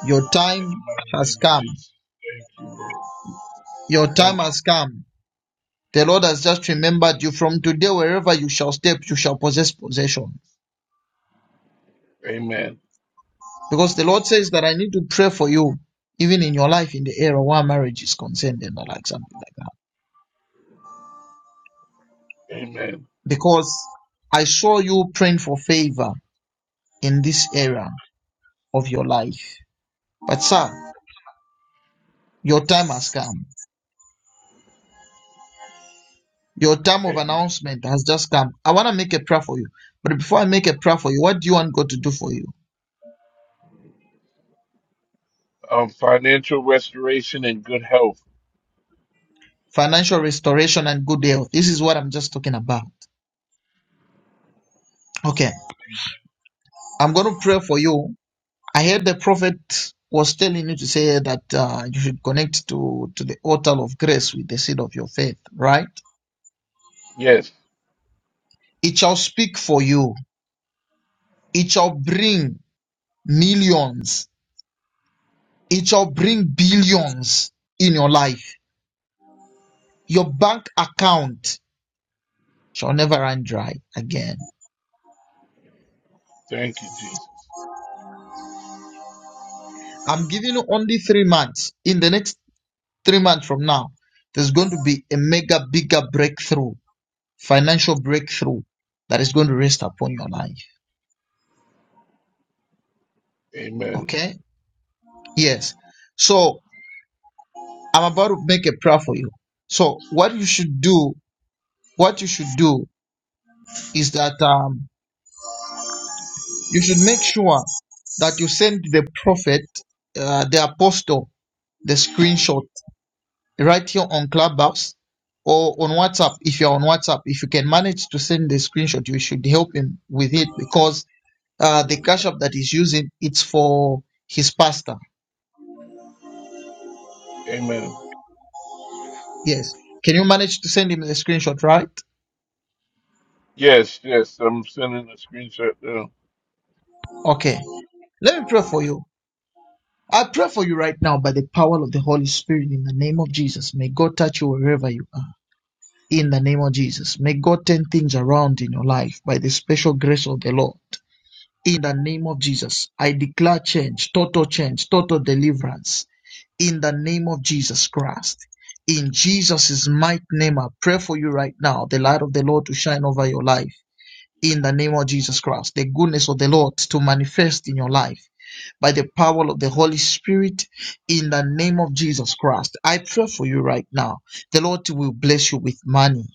Your In the time mighty has name of come. Jesus. Thank you, Lord. Your time Thank has you. come The Lord has just remembered you from today, wherever you shall step, you shall possess possession. Amen. Because the Lord says that I need to pray for you, even in your life, in the area where marriage is concerned and like something like that. Amen. Because I saw you praying for favor in this area of your life. But sir, your time has come. Your time of Amen. announcement has just come. I want to make a prayer for you. But before I make a prayer for you, what do you want God to do for you? Um, financial restoration and good health. Financial restoration and good health. This is what I'm just talking about. Okay. I'm going to pray for you. I heard the prophet was telling you to say that uh, you should connect to, to the altar of grace with the seed of your faith, right? Yes. It shall speak for you. It shall bring millions. It shall bring billions in your life. Your bank account shall never run dry again. Thank you, Jesus. I'm giving you only three months. In the next three months from now, there's going to be a mega, bigger breakthrough, financial breakthrough that is going to rest upon your life. Amen. Okay? Yes. So I'm about to make a prayer for you. So what you should do, what you should do is that um, you should make sure that you send the prophet, uh, the apostle, the screenshot right here on Clubhouse or on WhatsApp. If you're on WhatsApp, if you can manage to send the screenshot, you should help him with it because uh, the cash app that he's using, it's for his pastor. Amen. Yes. Can you manage to send him the screenshot, right? Yes, yes. I'm sending a screenshot now. Okay. Let me pray for you. I pray for you right now by the power of the Holy Spirit in the name of Jesus. May God touch you wherever you are. In the name of Jesus. May God turn things around in your life by the special grace of the Lord. In the name of Jesus, I declare change, total change, total deliverance in the name of Jesus Christ. In Jesus' mighty name, I pray for you right now, the light of the Lord to shine over your life. In the name of Jesus Christ, the goodness of the Lord to manifest in your life by the power of the Holy Spirit in the name of Jesus Christ. I pray for you right now. The Lord will bless you with money.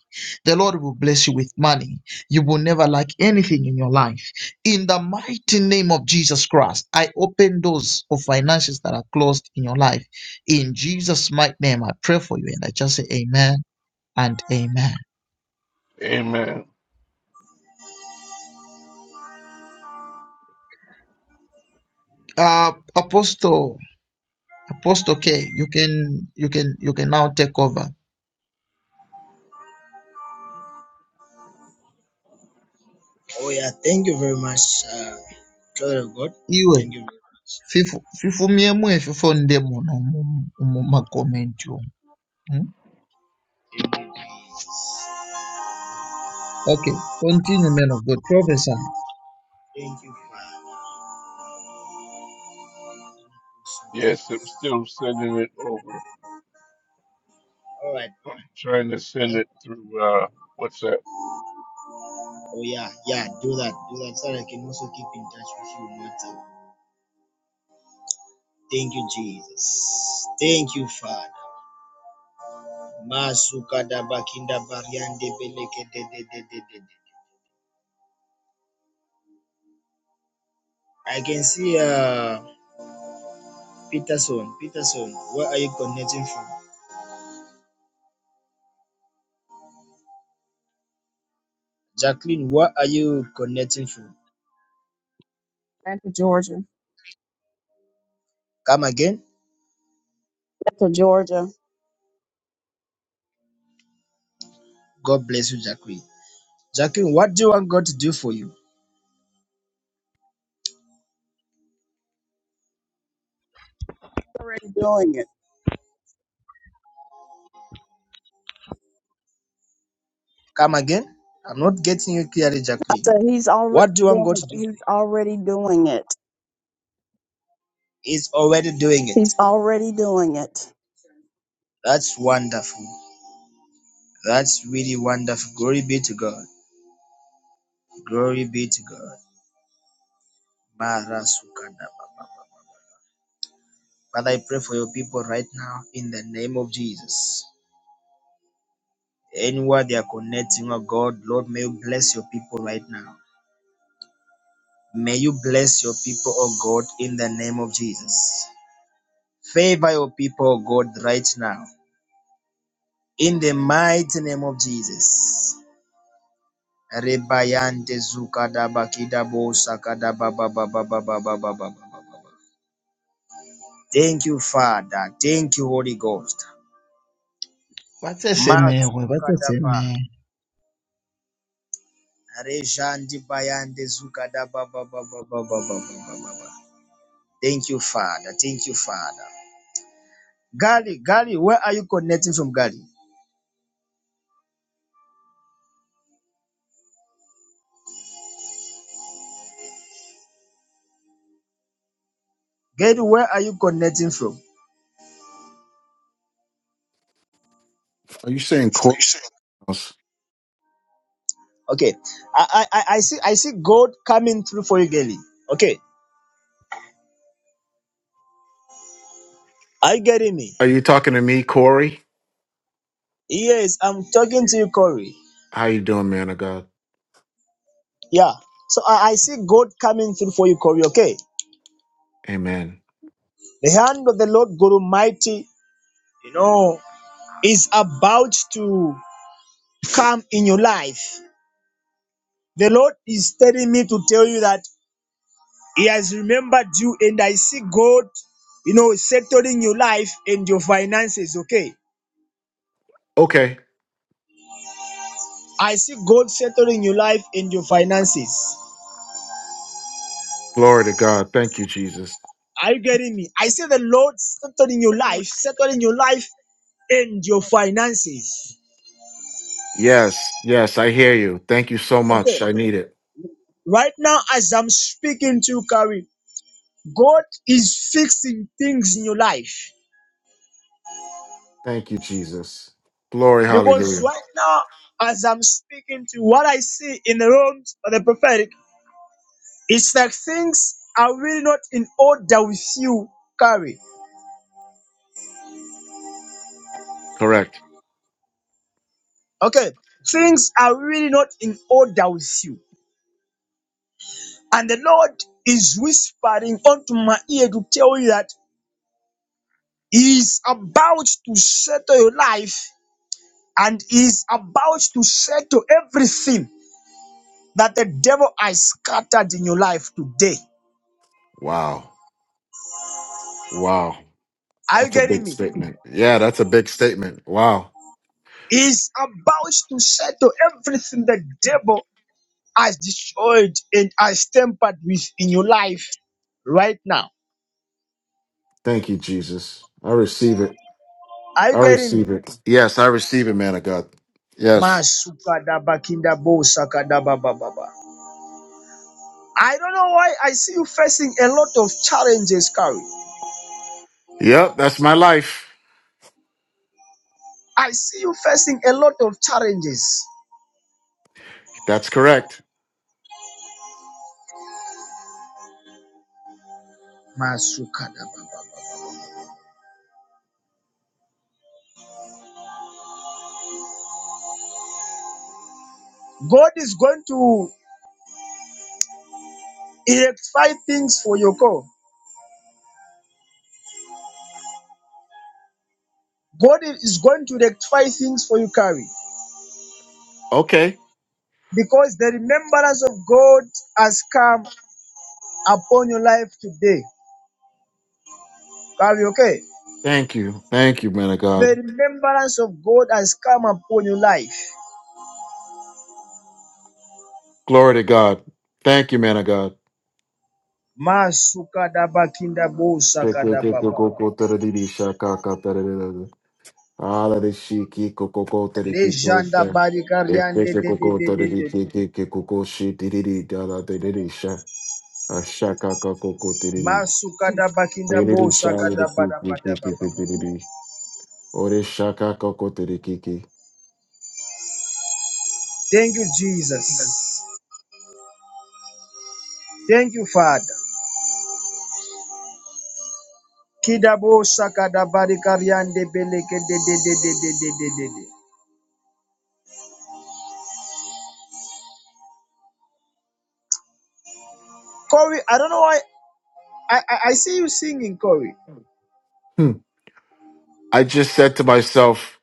The Lord will bless you with money. You will never lack anything in your life. In the mighty name of Jesus Christ, I open doors of finances that are closed in your life. In Jesus' mighty name, I pray for you and I just say amen and amen. Amen. Uh, Apostle, Apostle K, you can, you can, you can now take over. Oh yeah, thank you very much, uh, Father of God. Iwe. Thank you very much. Fifo fifom yɛmu efifo ndị mụ na ụmụma gọọmenti o. Mm? Jesus. Okay, continue, man of God. Prophesy. Thank you, Father. Yes, I'm still sending it over. All right, all I'm right. trying to send That, it through uh, WhatsApp. oh yeah, yeah. Do that, do that, so that I can also keep in touch with you on WhatsApp. Thank you, Jesus. Thank you, Father. Masuka da bakinda bariande beleke de de de de de. I can see uh Peterson. Peterson, where are you connecting from? Jacqueline, where are you connecting from? Atlanta, Georgia. Come again. That's Georgia. God bless you, Jacqueline. Jacqueline, what do you want God to do for you? Already doing it. Come again. I'm not getting you clearly, I Jacqueline. said he's already What do you want God doing, to do for you? he's already doing it. He's already doing it. He's already doing it. That's wonderful. That's really wonderful. Glory be to God. Glory be to God. Mara Sukadaba. Father, I pray for your people right now in the name of Jesus. Anywhere they are connecting, oh God, Lord, may you bless your people right now. May you bless your people, oh God, in the name of Jesus. Favor your people, oh God, right now. In the mighty name of Jesus. Rebayante zukadaba kidabo sakadaba ba ba ba ba ba ba ba ba ba Thank you, Father. Thank you, Holy Ghost. What a shame, Mas what a shame. Rejandi Bayande Zugada ba- ba- ba- ba- ba- ba- Thank you, Father. Thank you, Father. Gali, Gali, where are you connecting from, Gali? Gali, where are you connecting from? Are you saying courthouse? Okay. I, I, I I see I see God coming through for you, Gali. Okay. Are you getting me? Are you talking to me, Corey? Yes, I'm talking to you, Corey. How you doing, man of God? Yeah. So I, I see God coming through for you, Corey. Okay. Amen. The hand of the Lord God Almighty, you know, is about to come in your life. The Lord is telling me to tell you that He has remembered you, and I see God, you know, settling your life and your finances. Okay. Okay. I see God settling your life and your finances. Glory to God. Thank you, Jesus. Are you getting me? I see the Lord settling your life, settling your life and your finances. Yes, yes, I hear you. Thank you so much. Okay. I need it. Right now, as I'm speaking to you, Carrie, God is fixing things in your life. Thank you, Jesus. Glory, Because hallelujah. right now, as I'm speaking to you, what I see in the realms of the prophetic It's like things are really not in order with you, Carrie. Correct. Okay. Things are really not in order with you. And the Lord is whispering onto my ear to tell you that He is about to settle your life and He is about to settle everything that the devil has scattered in your life today. Wow. Wow. Are you That's a getting big me? statement. Yeah, that's a big statement. Wow. He is about to settle everything the devil has destroyed and has tempered with in your life right now. Thank you, Jesus. I receive it. Are you I getting me? receive it. Yes, I receive it, man of God. Yes. Masukadabakindabosakadabababa. I don't know why I see you facing a lot of challenges, Kari. Yep, that's my life. I see you facing a lot of challenges. That's correct. Masukadabababa. God is going to rectify things for your call. God is going to rectify things for you, Kari, Okay. because the remembrance of God has come upon your life today. Are okay? Thank you. Thank you, man of The God. remembrance of God has come upon your life. Glory to God. Thank you, man of God. Masukadaba kinda Hmm. bosakadababa. Lejanda barikariande de de de de de. Masukadaba kinda bosakadabadabadababa. Thank you, Jesus. Thank you, Father. Kidabo Sakada Barikariande Beleke de de de de de de de de de. Corey, I don't know why I, I, I see you singing, Corey. I just said to myself,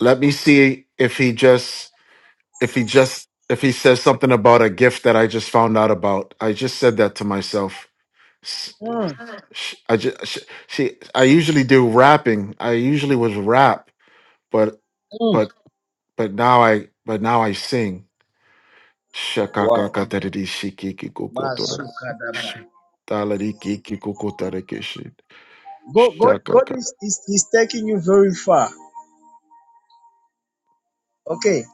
let me see if he just if he just if he says something about a gift that I just found out about, I just said that to myself. S- Mm. sh- I just sh- see. I usually do rapping. I usually was rap, but but but now I but now I sing. Wow. Shakakakatadidi shikikikokotora, Masukadaba. taladikikikokotarekeshi, God, God, God shakaka. is, is, is taking you very far. Okay.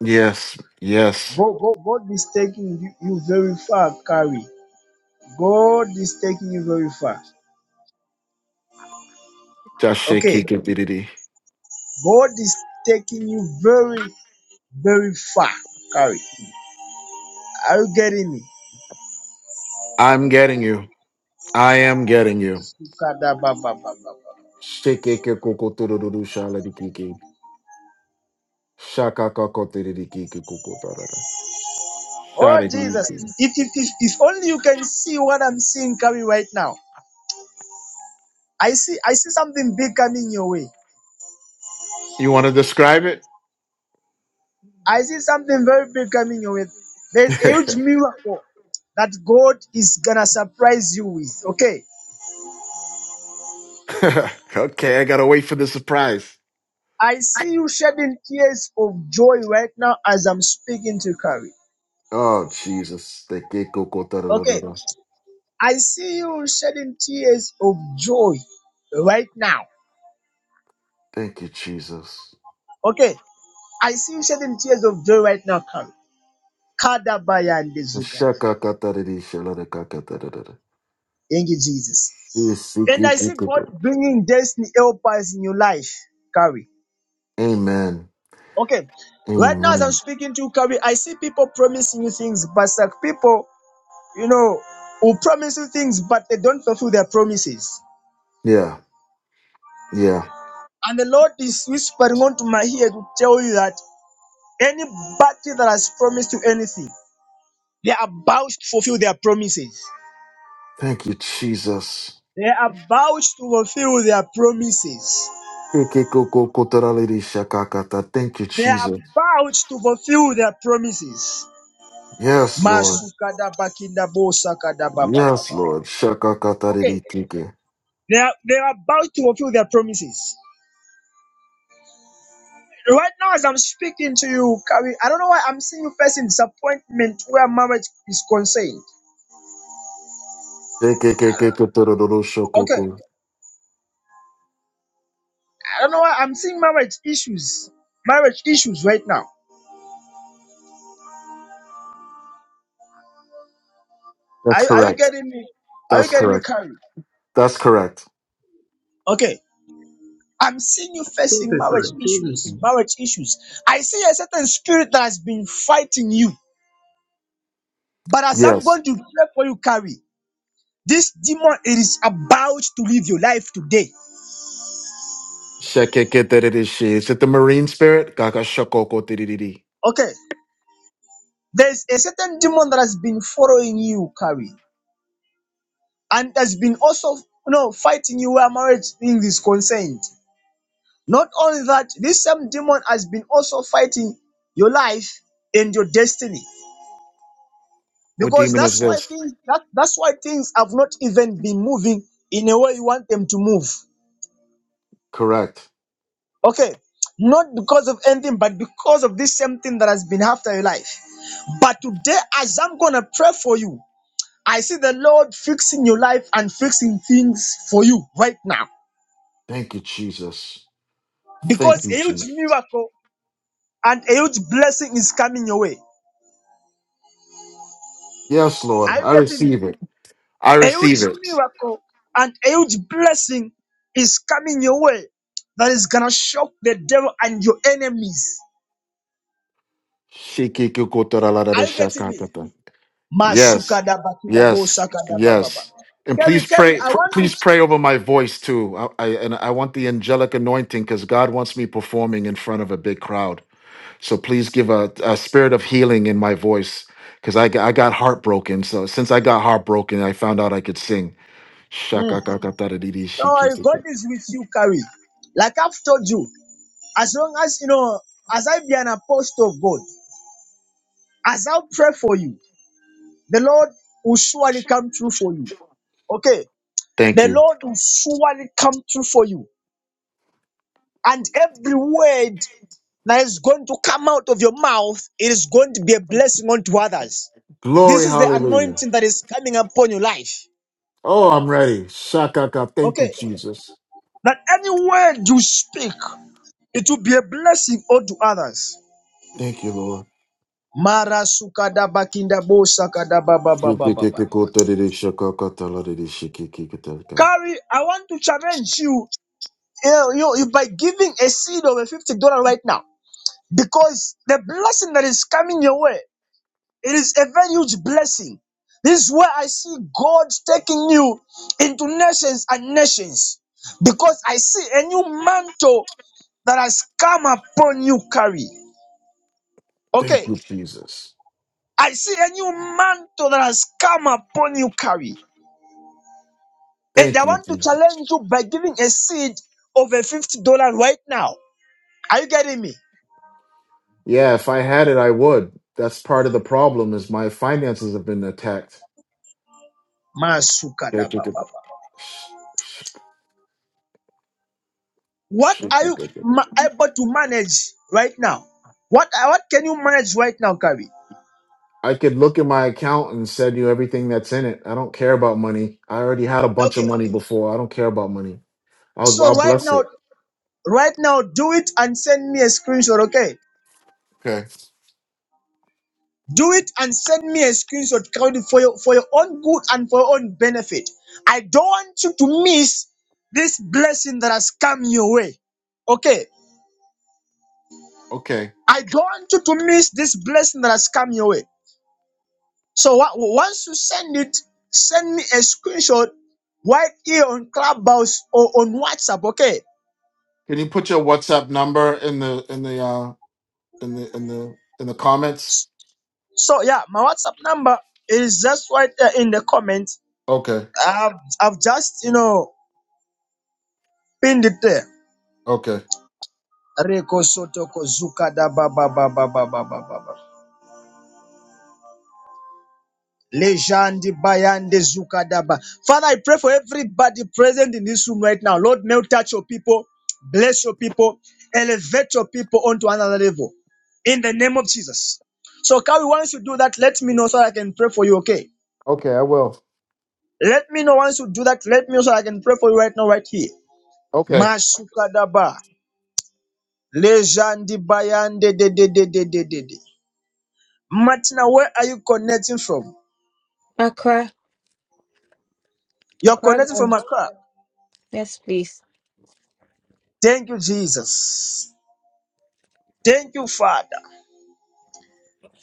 Yes, yes. God, God, God is taking you, you very far, Carrie. God is taking you very far. Okay. Jashikikibididi. God is taking you very, very far, Carrie. Are you getting me? I'm getting you. I am getting you. Sukadababababa. Shikikikokotorororushaladikiki. Shaka kako tiriri kuku tarara. Oh Shari Jesus. If, if, if, if only you can see what I'm seeing coming right now. I see I see something big coming your way. You want to describe it? I see something very big coming your way. There's a huge miracle that God is gonna surprise you with. Okay. [LAUGHS] okay, I gotta wait for the surprise. I see you shedding tears of joy right now as I'm speaking to Carrie. Oh Jesus. The kiko Okay. kotarara. I see you shedding tears of joy right now. Thank you, Jesus. Okay. I see you shedding tears of joy right now, Carrie. Kadabaya and Zukadaba. Shaka katariri shalada kaka tarara. Thank you, Jesus. Isi And I see God kuku. bringing destiny helpers in your life, Carrie. Amen. Okay. Right now, as I'm Amen. speaking to Kabi, I see people promising you things, but it's like people, you know, who promise you things, but they don't fulfill their promises. Yeah. Yeah. And the Lord is whispering onto my ear to tell you that anybody that has promised you anything, they are about to fulfill their promises. Thank you, Jesus. They are about to fulfill their promises. Thank you, They are Jesus. about to fulfill their promises. Yes, Lord. Masukada bakinda bo sakada ba ba ba Yes, ba. Lord. Okay, Shakakatarikiki. They are, they are about to fulfill their promises. Right now, as I'm speaking to you, Carrie, I don't know why I'm seeing you facing disappointment where marriage is concerned. Okay. Shekekekeketorodoroshokoku. I don't know why I'm seeing marriage issues. Marriage issues right now. That's Are, you- are you correct. getting me? Are you That's getting me, correct. Carrie? That's correct. Okay. I'm seeing you facing marriage Prophesy, issues. prophesy. Marriage issues. I see a certain spirit that has been fighting you. But as I'm Yes. going to pray for you, Carrie, this demon is about to leave your life today. Shekekeketirishi. Is it the marine spirit? Gagashokoko Okay. There's a certain demon that has been following you, Carrie, and has been also you know, fighting you where marriage things is concerned. Not only that, this same demon has been also fighting your life and your destiny. What Because demon is that's why this? things that, that's why things have not even been moving in a way you want them to move. Correct. Okay. Not because of anything, but because of this same thing that has been after your life. But today, as I'm gonna pray for you, I see the Lord fixing your life and fixing things for you right now Thank you, Jesus. Thank because you, a huge Jesus. miracle and a huge blessing is coming your way. Yes, Lord. Are you I getting me? receive it. I A receive huge it. miracle and a huge blessing is coming your way that is gonna shock the devil and your enemies. Are you getting me? Shikikukotoraladarashakakata. Yes, Masukadabakidabo yes, sakadabababa. yes. And Kerry, please Kerry, pray, I pr- please want pray to. over my voice too. I, I and I want the angelic anointing because God wants me performing in front of a big crowd. So please give a, a spirit of healing in my voice because I got- I got heartbroken. So since I got heartbroken, I found out I could sing. Mm. Shakakakatadidi So God shikiki. is with you, Kerry. Like I've told you, As long as you know, as I be an apostle of God, as I pray for you, the Lord will surely come through for you. Okay, Thank the you. Lord will surely come through for you, and every word that is going to come out of your mouth, it is going to be a blessing unto others. This Glory, is the hallelujah. anointing that is coming upon your life. Oh, I'm ready. Shakaka. Thank you, Okay, Jesus. that any word you speak, it will be a blessing unto others. Thank you, Lord. Mara sukada bakinda bo sakada ba ba ba Thank ba you, ba ba. Carrie, I want to challenge you, you, you, you by giving a seed of a fifty dollar right now, because the blessing that is coming your way, it is a very huge blessing. This is where I see God taking you into nations and nations, because I see a new mantle that has come upon you, Carrie. Okay, Jesus. I see a new mantle that has come upon you, Carrie, and I Thank you, want to Jesus. challenge you by giving a seed of a fifty dollar right now Are you getting me? Yeah, if I had it, I would. That's part of the problem is my finances have been attacked. I Masukadababa. What are you ma- able to manage right now? What what can you manage right now, Kavi? could look at my account and send you everything that's in it. I don't care about money. I already had a bunch of Okay. money before. I don't care about money. I'll So I'll right bless now, it. right now, do it and send me a screenshot. Okay. Okay. Do it and send me a screenshot, Kavi, for your for your own good and for your own benefit. I don't want you to miss this blessing that has come your way. Okay. Okay. I don't want you to miss this blessing that has come your way. So wa- once you send it, send me a screenshot right here on Clubhouse or on WhatsApp, okay? Can you put your WhatsApp number in the in the uh in the in the in the comments? So yeah, my WhatsApp number is just right there in the comment. Okay. I've, I've just, you know, pinned it there. Okay. Reko Soto Kozuka da ba ba ba ba ba ba ba ba. Lejandi Bayande Zukadaba. Father, I pray for everybody present in this room right now. Lord, may you touch your people, bless your people, elevate your people onto another level. In the name of Jesus. So, Kawi, once you do that, let me know so I can pray for you, okay? Okay, I will. Let me know once you do that, let me know so I can pray for you right now, right here. Okay. Masukadaba. Lejandi Bayande de de de de de de de. Martina, where are you connecting from? Accra. You're Accra, connecting from Ghana. Accra. Yes, please. Thank you, Jesus. Thank you, Father.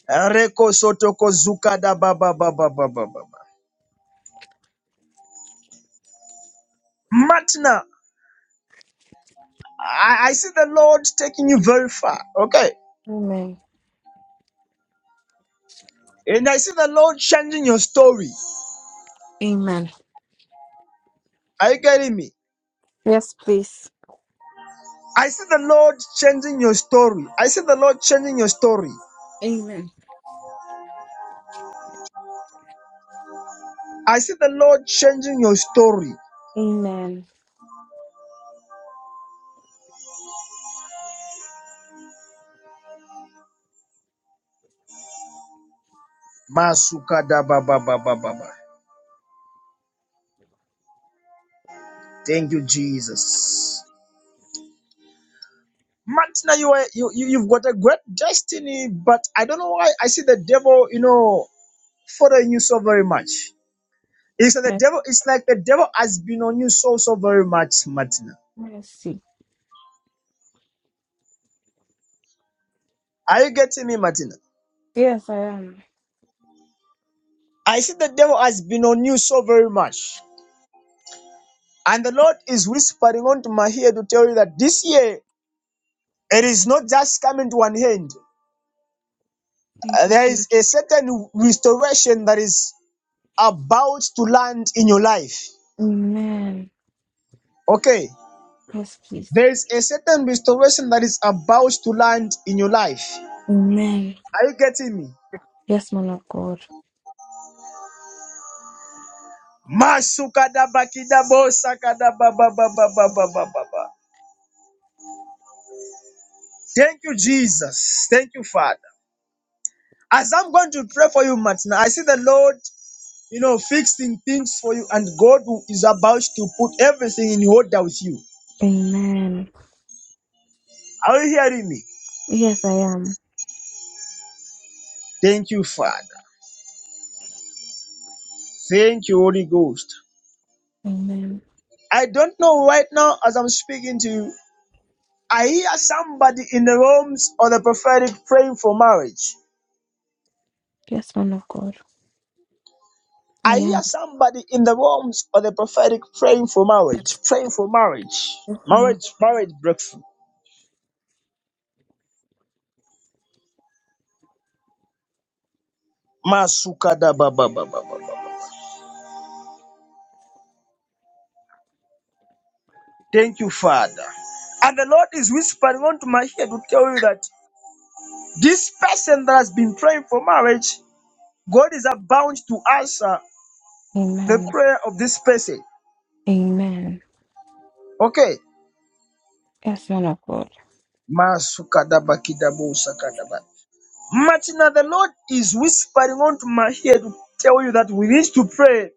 Reko sotoko zuka da ba ba ba ba ba ba ba. ba. Matna, I, I see the Lord taking you very far. Okay. Amen. And I see the Lord changing your story. Amen. Are you getting me? Yes, please. I see the Lord changing your story. I see the Lord changing your story. Amen. I see the Lord changing your story. Amen. Masuka da ba ba ba ba ba ba. Thank you, Jesus. Martina, you, are, you you you've got a great destiny, but I don't know why I see the devil, you know, following you so very much. It's like the Yes, devil. It's like the devil has been on you so so very much, Martina. Mercy. Are you getting me, Martina? Yes, I am. I see the devil has been on you so very much, and the Lord is whispering onto my ear to tell you that this year it is not just coming to an end. Uh, Thank you, There is Jesus. a certain restoration that is about to land in your life. Amen. Okay, Yes, please. there is a certain restoration that is about to land in your life. Amen. Are you getting me? Yes, man of God. Masukadabakidabosakadabababababababa. Thank you, Jesus. Thank you, Father. As I'm going to pray for you, Martina, I see the Lord, you know, fixing things for you, and God who is about to put everything in order with you. Amen. Are you hearing me? Yes, I am. Thank you, Father. Thank you, Holy Ghost. Amen. I don't know right now as I'm speaking to you. I hear somebody in the rooms or the prophetic praying for marriage. Yes, man of God. I I hear am. somebody in the realms of the prophetic praying for marriage, Yes, praying for marriage, man of marriage, marriage breakthrough. Masuka da ba ba ba ba ba ba. ba. Thank you, Father. And the Lord is whispering onto my ear to tell you that this person that has been praying for marriage, God is about to answer the Amen. prayer of this person. Amen. Okay. Yes, man of God. Masuka da ba ki da bo saka da ba. Martina, the Lord is whispering onto my ear to tell you that we need to pray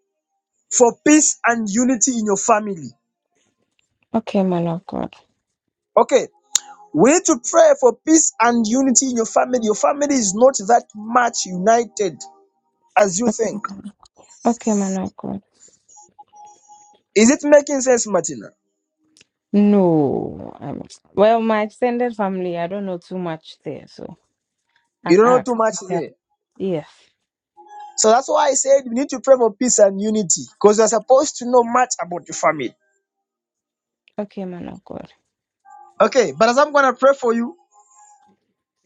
for peace and unity in your family. Okay, man of God. Okay, we need to pray for peace and unity in your family. Your family is not that much united as you think. Okay, man of God. Is it making sense, Martina? No, I'm well, my extended family, I don't know too much there, so You I don't know too ask. much Okay. there. Yes. So that's why I said we need to pray for peace and unity because you're supposed to know much about your family. Okay, man of God. Okay, but as I'm going to pray for you,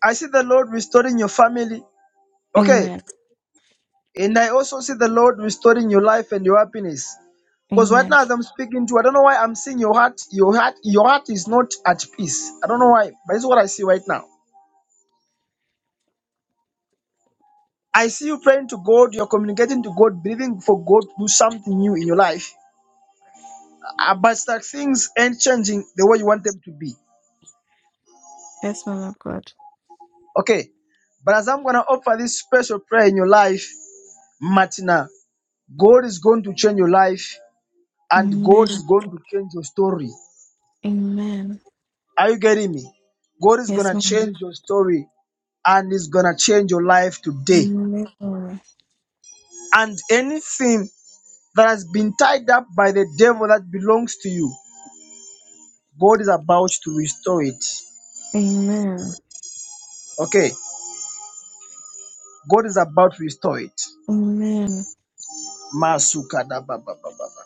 I see the Lord restoring your family. Okay, Amen. and I also see the Lord restoring your life and your happiness. Because right Amen. now, as I'm speaking to you, I don't know why I'm seeing your heart. Your heart, your heart is not at peace. I don't know why, but this is what I see right now. I see you praying to God. You're communicating to God, believing for God to do something new in your life. Uh, but that things ain't changing the way you want them to be. Yes, man of God. Okay, but as I'm gonna offer this special prayer in your life, Martina, God is going to change your life, and Amen. God is going to change your story. Amen. Are you getting me? God is Yes, gonna man. change your story, and is gonna change your life today. Amen. and anything that has been tied up by the devil that belongs to you, God is about to restore it. Amen. Okay, God is about to restore it. Amen. Masuka da ba ba ba ba ba.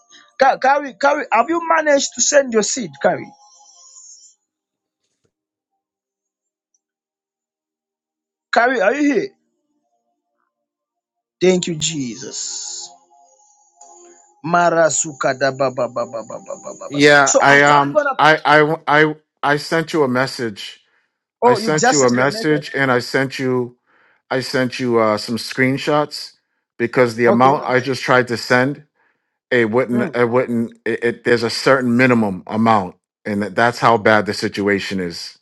Carry, carry. Have you managed to send your seed, carry? Carry, are you here? Thank you, Jesus. Marasuka da ba ba ba ba ba ba ba ba Yeah, So as I I'm um gonna, I I I I sent you a message. I oh, you've sent just you a sent the message. message and I sent you I sent you uh some screenshots because the Okay. amount I just tried to send it wouldn't Hmm. it wouldn't it, it there's a certain minimum amount and that, that's how bad the situation is.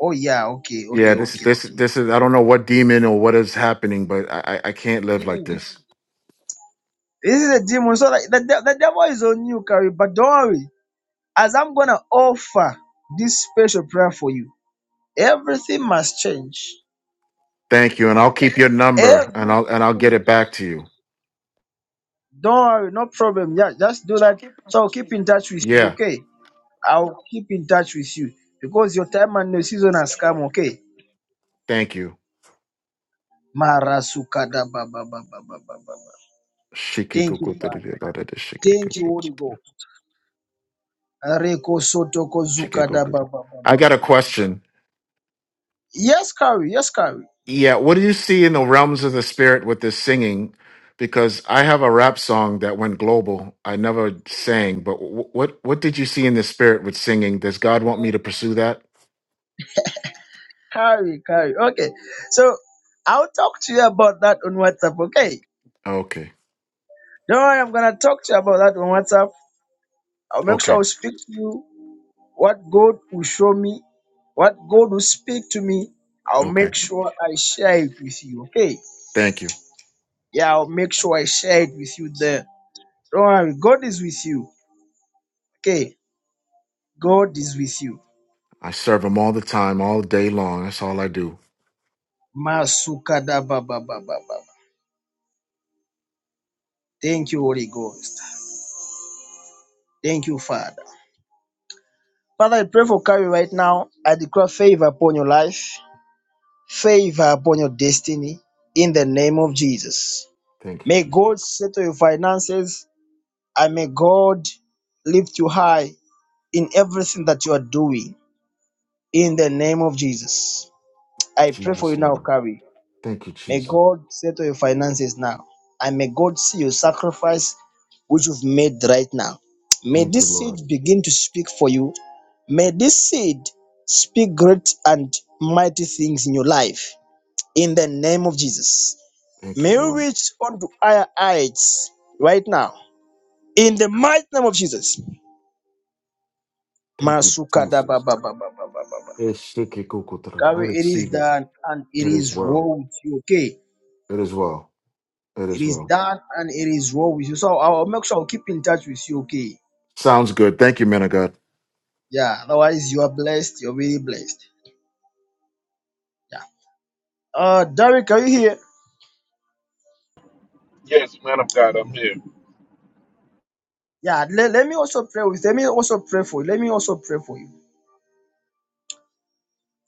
Oh yeah. Okay. Yeah, Okay. this this Okay. this is I don't know what demon or what is happening, but I I I can't live like this. This is a demon. So like the, de- the devil is on you, Carrie. But don't worry. As I'm gonna offer this special prayer for you, everything must change. Thank you and I'll keep your number and I'll and I'll get Everything. it back to you. Don't worry, no problem. Yeah, just do that. So I'll keep in touch with you, Yeah, okay? I'll keep in touch with you because your time and your season has come, okay? thank you. Marasukada ba ba ba ba ba ba ba. ba. Thank you, Shikikuku. Father. Thank you, [LAUGHS] Holy Ghost. Areko soto ko zukada ba ba ba I ba got ba a ba. question. Yes, Carrie. Yes, Carrie. Yeah, what do you see in the realms of the spirit with this singing? Because I have a rap song that went global. I never sang, but wh- what what did you see in the spirit with singing? Does God want me to pursue that? Carry, carry. Okay. So I'll talk to you about that on WhatsApp. Okay. Okay, Don't worry, I'm gonna talk to you about that on WhatsApp. I'll make sure okay, I'll speak to you. What God will show me, what God will speak to me, I'll okay. make sure I share it with you. Okay. Thank you. Yeah, I'll make sure I share it with you there. Don't worry, God is with you. Okay. God is with you. I serve Him all the time, all day long. That's all I do. Masukada ba ba ba ba ba. Thank you, Holy Ghost. Thank you, Father. Father, I pray for Carrie right now. I declare favor upon your life, favor upon your destiny in the name of Jesus. Thank you, May Jesus. God settle your finances and may God lift you high in everything that you are doing in the name of Jesus. I pray for you Jesus, now, name. Carrie. thank you, May Jesus. God settle your finances now and may God see your sacrifice which you've made right now. May Thank you, this seed Lord. begin to speak for you May this seed speak great and mighty things in your life in the name of Jesus. Thank May you, you Lord. reach onto higher heights right now in the mighty name of Jesus. Thank you, Masuka da ba Jesus. ba ba ba ba ba ba ba. Eshekikokotra. I Gary, it is receive it. done and it It is is well. well with you, okay? It is well. It It is is well. done and it is well with you. So I'll make sure I'll keep in touch with you, okay? Sounds good. Thank you, men of God. Yeah, otherwise you are blessed, you're really blessed. Yeah. Uh Derek, are you here? Yes, man of God, I'm here. Yeah, let, let me also pray with let me also pray for you. Let me also pray for you.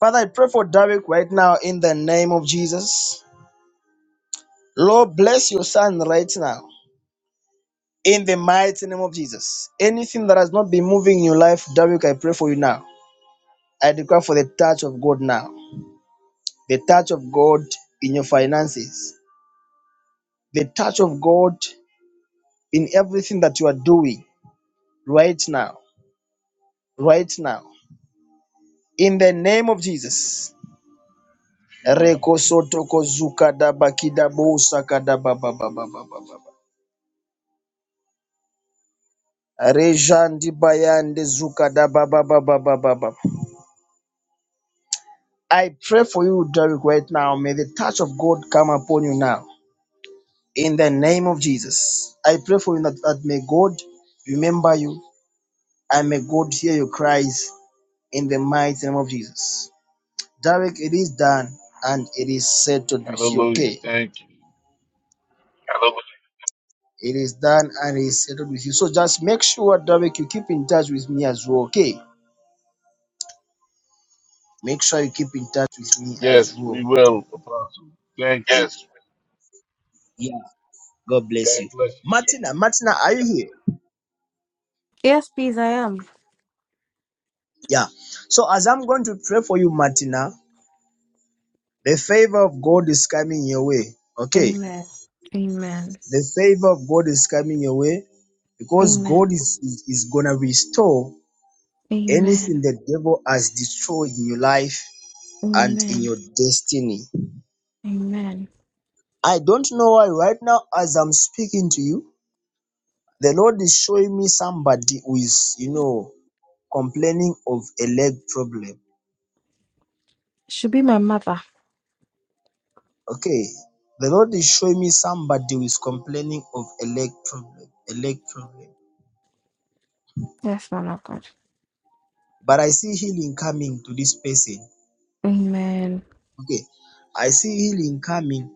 Father, I pray for Derek right now in the name of Jesus. Lord, bless your son right now in the mighty name of Jesus. Anything that has not been moving in your life, Derek, I pray for you now. I declare for the touch of God now. The touch of God in your finances. The touch of God in everything that you are doing right now. Right now. In the name of Jesus. Reko soto kozuka da bakida bosa kada baba baba baba baba. Rejandi bayande zuka da baba baba baba baba. I pray for you, Derek, right now. May the touch of God come upon you now. In the name of Jesus. I pray for you that, that may God remember you and may God hear your cries in the mighty name of Jesus. Derek, it is done and it is settled with you, Hallelujah. okay? Thank you. It is done and is settled with you. So just make sure, Derek, you keep in touch with me as well, okay? Make sure you keep in touch with me as Yes, we well. will, Apostle. Thank you. Yes. Yeah, God God bless you. bless you, sir. Martina, Martina, are you here? Yes, please, I am. Yeah. So as I'm going to pray for you, Martina, the favor of God is coming your way, okay? Amen. Amen. The favor of God is coming your way because God Amen. is, is, is gonna restore anything Amen. the devil has destroyed in your life and in Amen. your destiny. Amen. I don't know why right now as I'm speaking to you, the Lord is showing me somebody who is, you know, complaining of a leg problem. Should be my mother. Okay. The Lord is showing me somebody who is complaining of a leg problem, a leg problem. Yes, man of God. But I see healing coming to this person. Amen. Okay. I see healing coming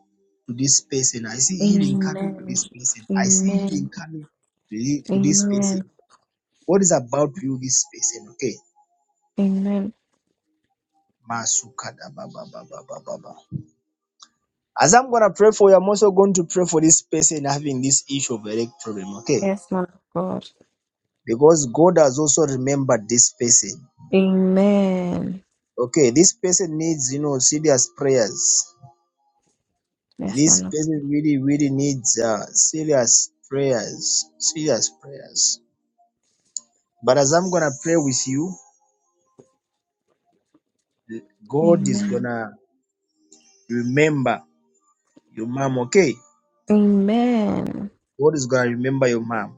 to this person. I see healing coming to Amen. this person. I see healing Amen. coming to thi- to this person. Amen. What is about you, this person? Okay. Amen. As I'm gonna pray for you, I'm also going to pray for this person having this issue of headache problem, okay? Yes, man of God. Because God has also remembered this person. Amen. Okay, this person needs you know serious prayers. Yes, This man of person really, really needs uh, serious prayers, serious prayers. But as I'm gonna pray with you, God. God is Amen. gonna remember your mom, okay? Amen. God is gonna remember your mom.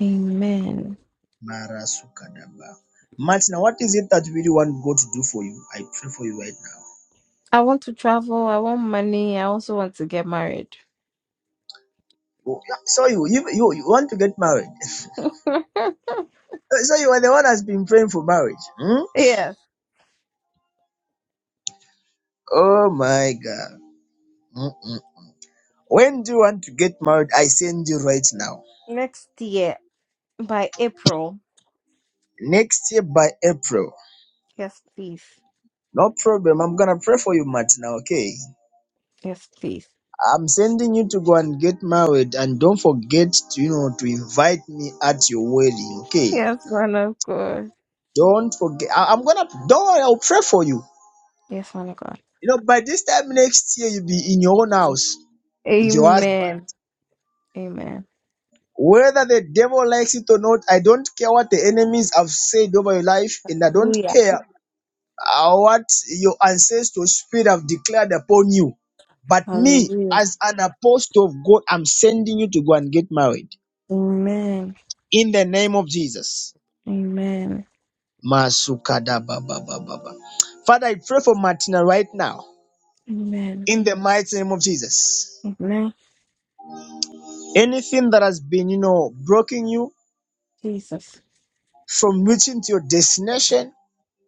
Amen. Marasukadaba. Martina, what is it that you really want God to do for you? I pray for you right now. I want to travel. I want money. I also want to get married. Oh, yeah, So you, you, you, you want to get married. [LAUGHS] [LAUGHS] So you are the one that's been praying for marriage. Hmm? yes. Oh my God. Mm-mm. When do you want to get married? I send you right now. Next year by April. Next year by April. Yes, please. No problem. I'm going to pray for you, Martina, okay? Yes, please. I'm sending you to go and get married and don't forget to, you know, to invite me at your wedding, okay? Yes, man of God. Don't forget. I, am gonna don't worry, I'll pray for you. Yes, man of God. You know, by this time next year you'll be in your own house with your husband. Amen. Amen. Whether the devil likes it or not, I don't care what the enemies have said over your life, and I don't Hallelujah. care uh, what your ancestors' spirit have declared upon you. But me, Hallelujah. as an apostle of God, I'm sending you to go and get married Amen. in the name of Jesus. Amen. Masukada ba ba ba ba ba. Father, I pray for Martina right now Amen. in the mighty name of Jesus. Amen. Anything that has been, you know, blocking you Jesus. from reaching to your destination,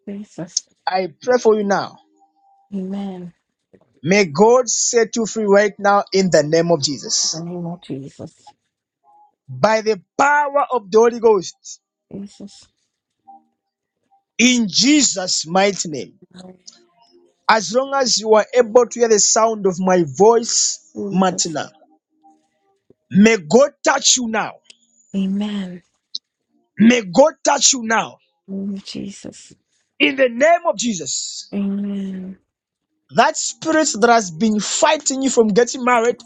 Jesus. I pray for you now. Amen. May God set you free right now in the name of In the Jesus. name of Jesus. By the power of the Holy Ghost, Jesus. in Jesus' mighty name. As long as you are able to hear the sound of my voice, Jesus. Martina, may God touch you now. Amen. May God touch you now. Name Jesus. In the name of Jesus. Amen. That spirit that has been fighting you from getting married,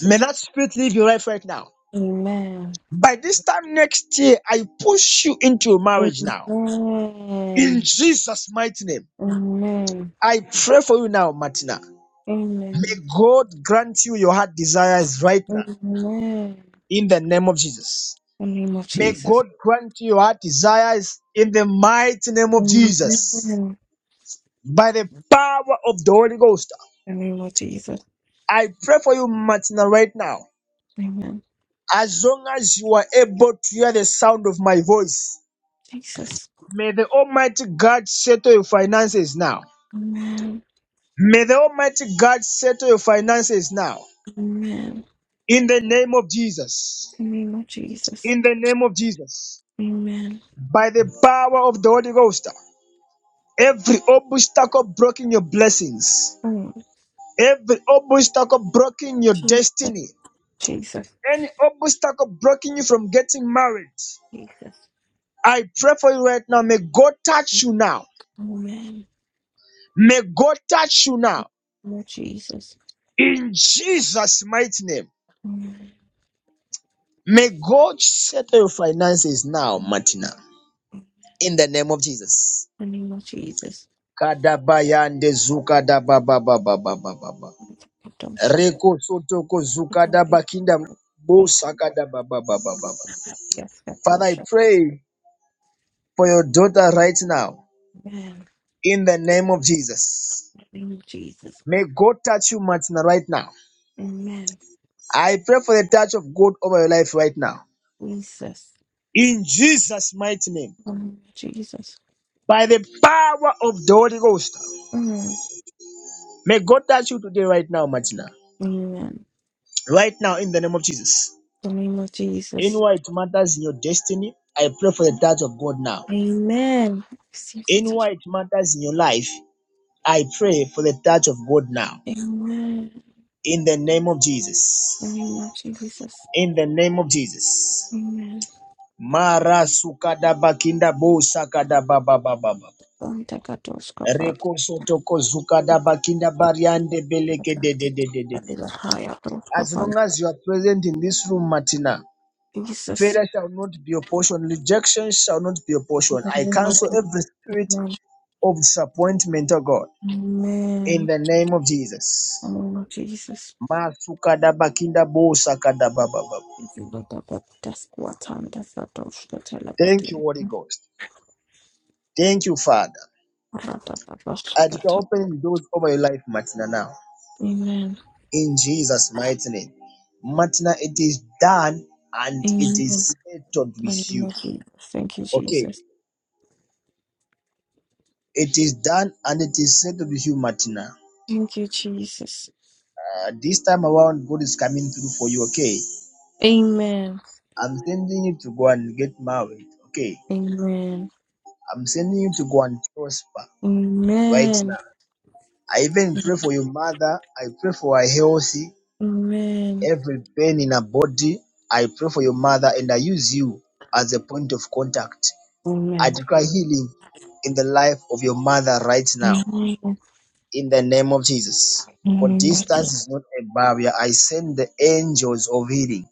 may that spirit leave your life right now. Amen. By this time next year, I push you into your marriage now. In Amen. Amen. Jesus' mighty name, Amen. Amen. I pray for you now, Martina. May God grant you your heart desires right now, In in the name of Jesus. The name of May Jesus. God grant you your heart desires in the mighty name of Amen. Jesus. In By the power of the Holy Ghost, The name of Jesus. I pray for you, Martina, right now. Amen. As long as you are able to hear the sound of my voice, Jesus. may the Almighty God settle your finances now Amen. May the Almighty God settle your finances now. Amen. In the name of Jesus. In The name of Jesus. In the name of Jesus. Amen. By the power of the Holy Ghost. Every obstacle blocking your blessings. Mm. Every obstacle blocking your Jesus, destiny. Jesus, Any obstacle blocking you from getting married. Jesus. I pray for you right now. May God touch you now. Amen. May God touch you now. Lord Jesus. In Jesus' mighty name. Amen. May God settle your finances now, In Martina. in the name of Jesus. the name of Jesus. Kadabayande zuka da ba ba ba ba ba ba ba ba. Adoption. Reko sotoko zuka da ba kinda bo Yes, saka da ba ba ba ba ba ba. yes, Father, I adoption. pray for your daughter right now Amen. in the name of Jesus. In the name of Jesus. May God touch you, Martina, right now. Amen. I pray for the touch of God over your life right now. Jesus. In Jesus' mighty name, Amen. Jesus. by the power of the Holy Ghost, Amen. may God touch you today, right now, Martina. Amen. In Right now, in the name of Jesus. the name of Jesus. Anywhere it matters in your destiny, I pray for the touch of God now. Amen. Receive the touch. Anywhere it matters in your life, I pray for the touch of God now. Amen. In the name of In the Jesus. name of Jesus. In the name of Jesus. Amen. Mara sukada bakinda bo sakada baba baba baba. Santa Katoska, Reko soto ko zukada Father. bakinda bariande beleke de de de de de de. the higher thought As of long as you are present in this room, Martina, Jesus. failure shall not be your portion. Rejection shall not be your In portion. the I name of cancel the every spirit Amen. of disappointment, oh God, in Amen. the name of Jesus. In the name of Jesus. If you look up at that's what time that's what of the Thank you, telepathy. Holy Ghost. Thank you, Father. Amen. And you can open the doors over your life, Martina, now. In Jesus' mighty name. Martina, it is done and it Amen. is settled In the with name you. of Jesus. Thank you, Okay. Jesus. It is done and it is settled with you, Martina. Thank you, Jesus. Uh, this time around, God is coming through for you, okay? Amen. I'm sending you to go and get married, okay? Amen. I'm sending you to go and prosper. right Amen. now. I even pray for your mother. I pray for her healthy, Amen. every pain in her body. I pray for your mother and I use you as a point of contact. I Amen. declare healing in the life of your mother right now Amen. in the name of Jesus. For Amen. distance is not a barrier. I send the angels of healing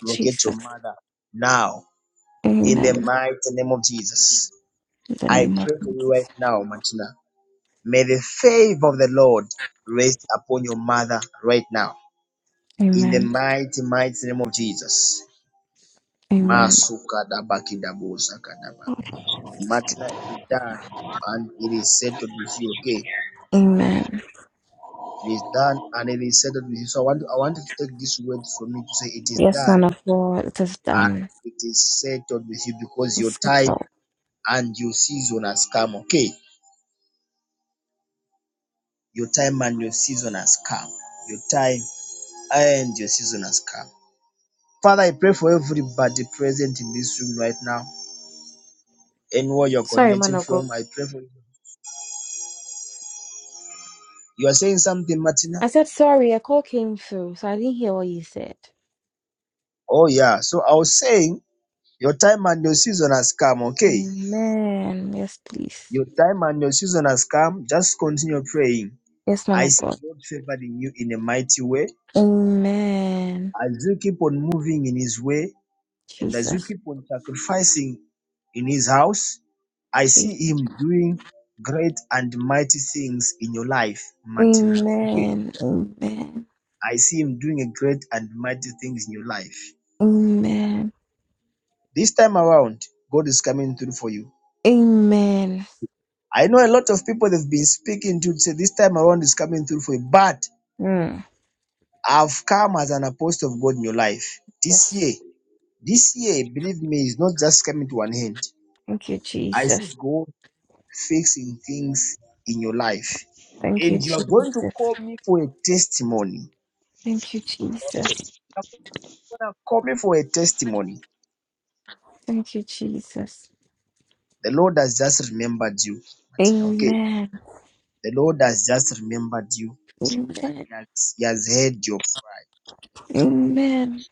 to locate your Jesus. mother now in the Amen. mighty name of Jesus. In the I name of pray for you Jesus. right now, Martina. May the favor of the Lord rest upon your mother right now. In the Amen. mighty, mighty name of Jesus. Amen. Masuka dabakidabosakadaba. Matna, it is done and it is settled with you, okay? Amen. It is done and it is settled with you. So I want, I want you to take this word from me to say it is Yes, done man of God, it is and done. it is settled with you because your It's time settled. and your season has come, okay? Your time and your season has come. Your time and your season has come. Father, I pray for everybody present in this room right now. Anywhere you're Sorry, man connecting of God. from, I pray for you. You are saying something, Martina? I said sorry, a call came through, so I didn't hear what you said. Oh, yeah. So I was saying, your time and your season has come, okay? Amen. Yes, please. Your time and your season has come. Just continue praying. Yes, man I of see God. God favoring you in a mighty way. Amen. As you keep on moving in His way and as you Jesus. keep on sacrificing in His house, I Jesus. see Him doing great and mighty things in your life, Martina. Okay. Amen. Amen. I see Him doing a great and mighty things in your life. Amen. This time around, God is coming through for you. Amen. I know a lot of people they've been speaking to say this time around is coming through for you, but Mm. I've come as an apostle of God in your life. This Yes. year, this year, believe me, is not just coming to an end. Thank you, I see Jesus. God fixing things in your life. Thank you, And you are going to Jesus. call me for a testimony. Thank you, You're Jesus. going to call me for a testimony. Thank you, Jesus. The Lord has just remembered you. Martina, okay? Amen. The Lord has just remembered you. Amen. He has, he has heard your cry. Amen.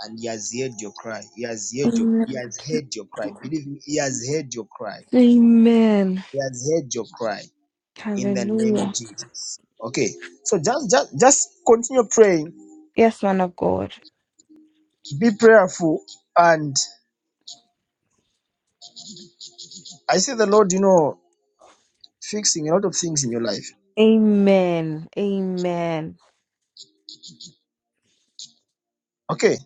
And he has heard your cry. He has heard your he Amen. has heard your cry. Believe me, he has heard your cry. Amen. He has heard your cry in the name of Hallelujah. Jesus. Okay. So just just just continue praying. Yes, man of God. Be prayerful. And I see the Lord, you know, fixing a lot of things in your life. Amen. Amen. Okay.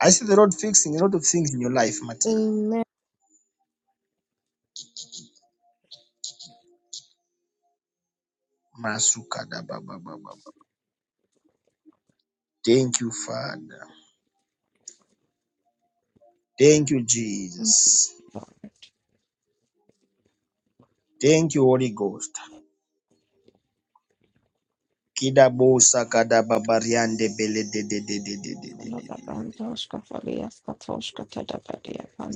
I see the Lord fixing a lot of things in your life, Martina. Amen. Masukada ba ba ba ba ba. Thank you, Father. Thank you, Jesus. Thank you, Holy Ghost. Kidabosa kadababariande bele de. de de de de de de de de.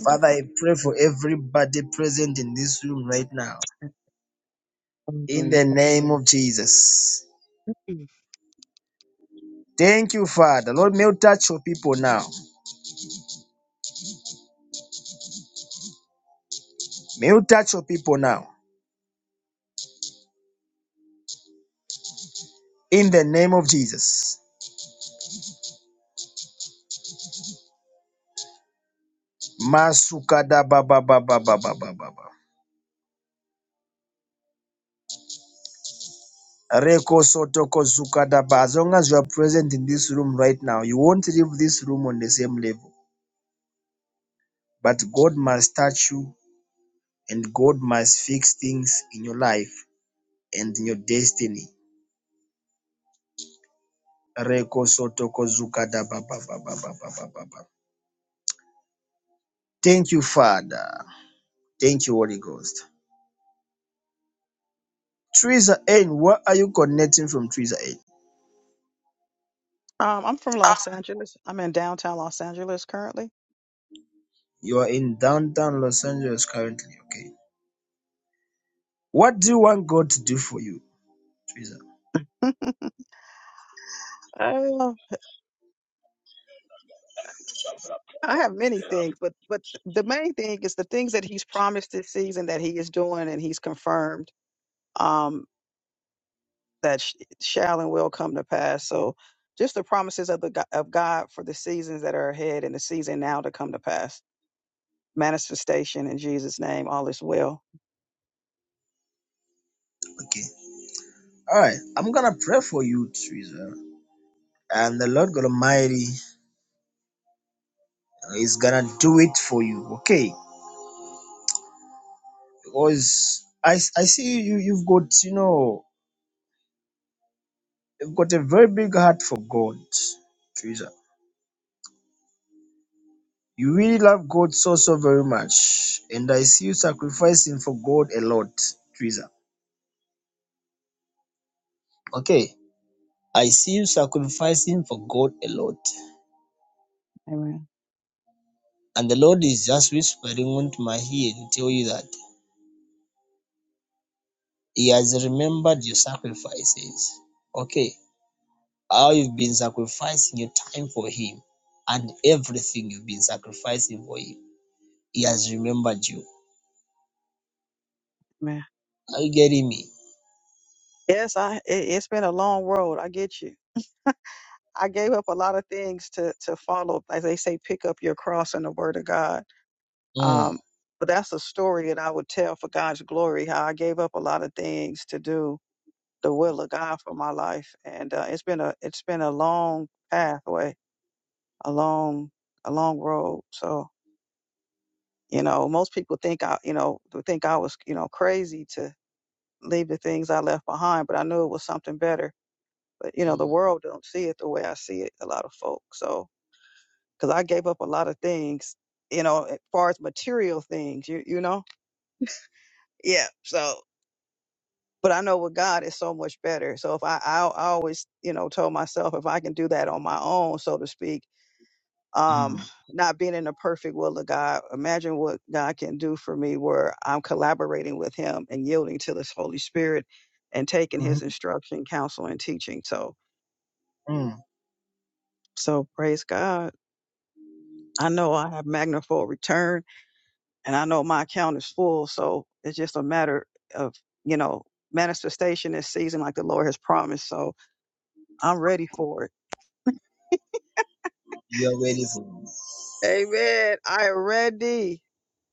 Father, I pray for everybody present in this room right now. In Hallelujah. the name of Jesus. Mm. Thank you, Father. Lord, may you touch your people now. May you touch your people now. In the name of Jesus. Masukada Masukadababababababababa. Reko sotoko zukada ba. As long as you are present in this room right now, you won't leave this room on the same level. But God must touch you and God must fix things in your life and in your destiny. Thank you, Father. Thank you, Holy Ghost. Teresa N, where are you connecting from Teresa N? Um, I'm from Ah, Los Angeles. You are in downtown Los Angeles currently, okay? What do you want God to do for you, Teresa? Uh, I think, but the main thing is the things that he's promised that he is doing and he's confirmed um, that shall and will come to pass. So just the promises of the go- of God for the seasons that are ahead and the season now to come to pass. Manifestation in Jesus' name, all is well. Okay. All right. I'm going to pray for you, Teresa. And the Lord God Almighty is going to do it for you, okay? Because I, I see you, you've got, you know, You've got a very big heart for God, Teresa. You really love God so, so very much. And I see you sacrificing for God a lot, Teresa. Okay. I see you sacrificing for God a lot. Amen. And the Lord is just whispering into my ear to tell you that He has remembered your sacrifices. Okay. How you've been sacrificing your time for Him and everything you've been sacrificing for Him. He has remembered you. Amen. Are you getting me? Yes, I it, it's been a long road. I get you. I gave up a lot of things to to follow. As they say, pick up your cross and the word of God Mm, Um, but that's a story that I would tell for God's glory. How I gave up a lot of things to do the will of God for my life, and uh, it's been a it's been a long pathway, a long a long road. So you know, most people think I you know would think I was you know crazy to leave the things I left behind, but I knew it was something better. But you know, the mm, world don't see it the way I see it. A lot of folks. So because I gave up a lot of things, you know, as far as material things, you you know, yeah. So but I know with God it's so much better. So if I, I, I always, you know, told myself if I can do that on my own, so to speak, mm. um, not being in the perfect will of God, imagine what God can do for me where I'm collaborating with Him and yielding to this Holy Spirit and taking Mhm. His instruction, counsel, and teaching. So, mm so praise God. I know I have magnified return and I know my account is full. So it's just a matter of, you know, manifestation this season like the Lord has promised. So I'm ready for it. You are very good. Amen. I am ready,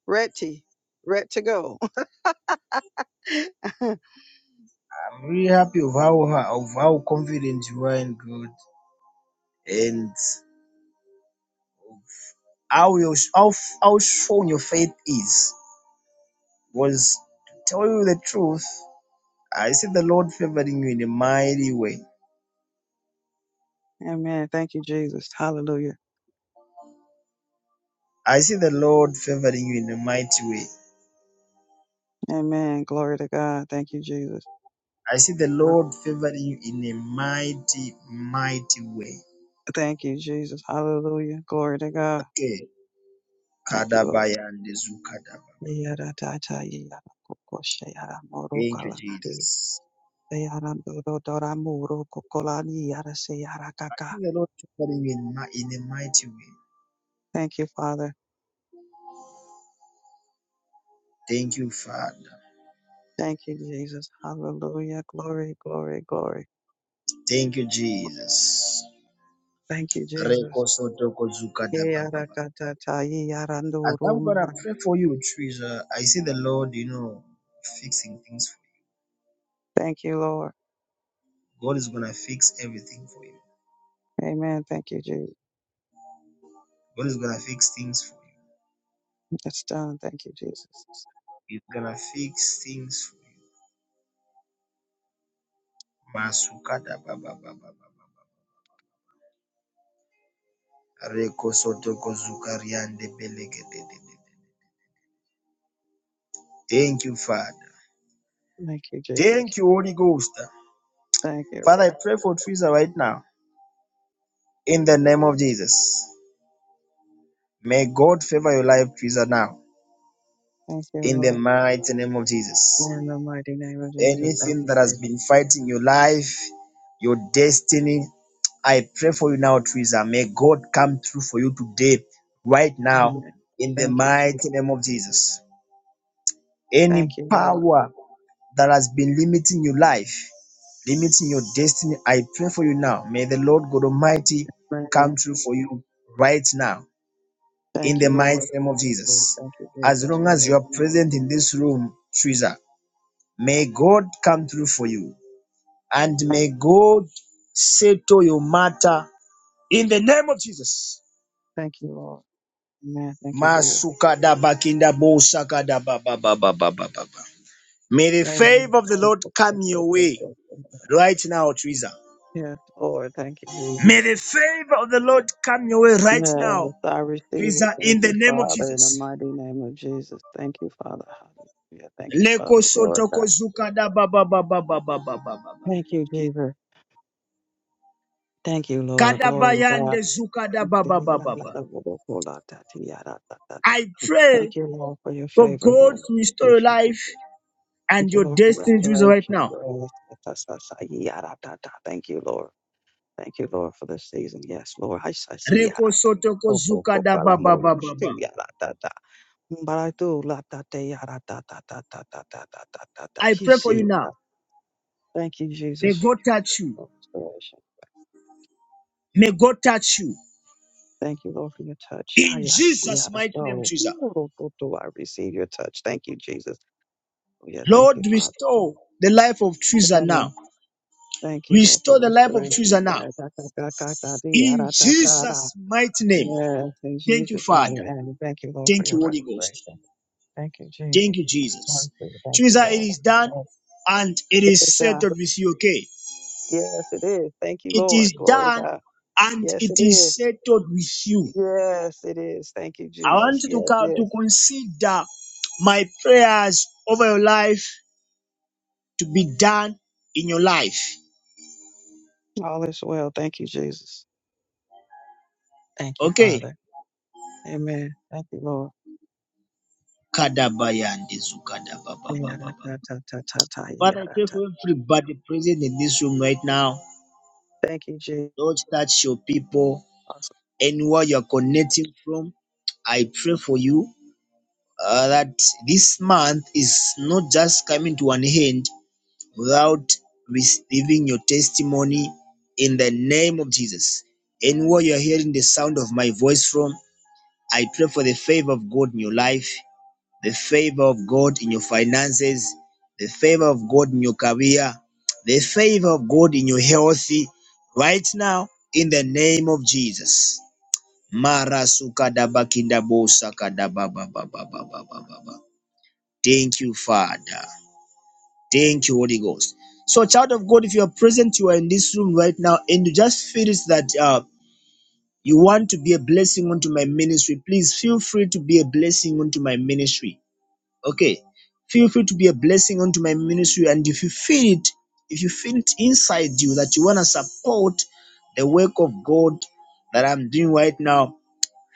ready, ready to go. I'm really happy of how of how confident you are in God and how you how how strong your faith is. Was to tell you the truth. I see the Lord favoring you in a mighty way. [LAUGHS] Amen. Thank you, Jesus. Hallelujah. I see the Lord favoring you in a mighty way. Amen. Glory to God. Thank you, Jesus. I see the Lord favoring you in a mighty, mighty way. Thank you, Jesus. Hallelujah. Glory to God. Okay. Thank you, Lord. Kadabaya and Zukadaba. Yaratata yarakokoshe yaramoro Thank you, kalanari. Jesus. Yaramdodoramuro kokolani yarase I yarakaka. see the Lord favoring you in, mi- in a mighty way. Thank you, Father. Thank you, Father. Thank you, Jesus. Hallelujah. Glory, glory, glory. Thank you, Jesus. Thank you, Jesus. Rekosotokozukadababa. As I'm gonna Yarakatatayarandurumara. pray for you, Trisha, I see the Lord, you know, fixing things for you. Thank you, Lord. God is gonna fix everything for you. Amen. Thank you, Jesus. God is gonna fix things for you. It's done. Thank you, Jesus. He's gonna fix things for you. Masukadababababa. Rekosotokozukariandebeleketete. Thank you, Father. Thank you, Jesus. Thank you, Holy Ghost. Thank you, Father, Lord. I pray for Trisha right now in the name of Jesus. May God favor your life, Teresa, now Thank you, in the Lord. mighty name of Jesus. In the mighty name of Jesus. Thank Anything you, that has Jesus. been fighting your life, your destiny, I pray for you now, Teresa. May God come through for you today, right now, Amen. in the Thank you, Jesus. mighty name of Jesus. Any Thank you, Lord. power that has been limiting your life, limiting your destiny, I pray for you now. May the Lord God Almighty Amen. come through for you right now in Thank the you, mighty Lord. name Thank of you, Lord. Jesus. Thank you, As Jesus. long Right as you are now. present in this room, Teresa, may God come through for you and Amen. may God settle your matter in the name of Jesus. Thank you, Lord. Amen. Thank you, Jesus. Masukada May the Amen. favor of the Lord come your way right now, Teresa. Yes, Lord. Thank you, Jesus. May the favor of the Lord come your way right now, Yes, I receive it. Teresa, Thank in the you, name of Father, in the Jesus. mighty name of Jesus. Thank you, Father. Hallelujah. Thank you, Father. Leko Glory soto to God. kozuka Thank you, Jesus. Thank you, Lord. Glory to Kadabayande God. Thank zukadababababa. I pray you, Lord, for your for favor, God Lord. to Thank restore you, your Jesus. life and Thank you, your Lord, for destiny to Jesus right restoration. now. Yes. Thank you, Lord. Thank you, Lord, for this season. Yes, Lord. I see. Reko sotoko zukadababababa. Baratu la ta te ya ra ta ta ta ta ta ta ta ta ta ta. I He pray for see. you now. ya. Thank you, May Jesus, God touch you. for restoration. May God touch you. Thank you, Lord, for your touch. Ah, In yes, Jesus' yeah, I mighty name, know. Jesus. Ooh, do do I receive your touch. Thank you, Jesus. Oh, yeah, thank you, Lord, Father. restore Oh, the life of Teresa Amen. now. Thank you, Lord, for Restore the life of Teresa restoration. Da- da- now. da- da- da- da- dee, ah, In da- da- da- da. Jesus' mighty name. Yes, in Thank you, Jesus' mighty Father. name. Thank you, Lord, for Thank you, your Holy Ghost. restoration. Thank you, Jesus. Thank you, Jesus. Mercy. Thank you, Teresa, it Lord. is done Lord, and it it is is done. settled with you, okay? Yes, it is. Thank you, It Lord. is Glory to done God. and Yes, it it is. is settled with you. Yes, it is. Thank you, I want Jesus. you to, Yes, co- to yes. consider my prayers over your life to be done in your life, All is well. Thank you, Jesus. Thank you, okay? Father. Amen. Thank you, Lord. Kadabayande Yada, zukadabababababa. ta, ta, ta, ta, ta, Father, I yada, pray ta. for everybody present in this room right now. Thank you, Jesus. Lord, touch your people anywhere you are connecting from. I pray for you uh, that this month is not just coming to an end without receiving your testimony in the name of Jesus. Anywhere you are hearing the sound of my voice from, I pray for the favor of God in your life, the favor of God in your finances, the favor of God in your career, the favor of God in your health right now in the name of Jesus. Mara sukadabakindabosakadabababababababa. Thank you, Father. Thank you, Holy Ghost. So, child of God, if you are present, you are in this room right now, and you just feel it that uh, you want to be a blessing unto my ministry, please feel free to be a blessing unto my ministry. Okay. Feel free to be a blessing unto my ministry. And if you feel it, if you feel it inside you that you want to support the work of God that I'm doing right now,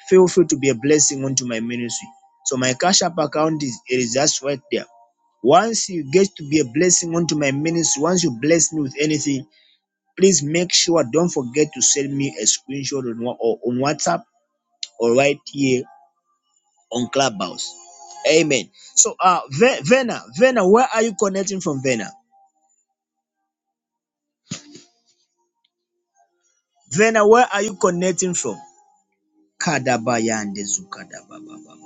feel free to be a blessing unto my ministry. So my cash app account is it is just right there once you get to be a blessing onto my ministry, once you bless me with anything, please make sure don't forget to send me a screenshot on, or on WhatsApp or right here on Clubhouse. Amen. So, uh, Ve- Vena, Vena, where are you connecting from, Vena? Vena, where are you connecting from? Kadabayande zukadababababa.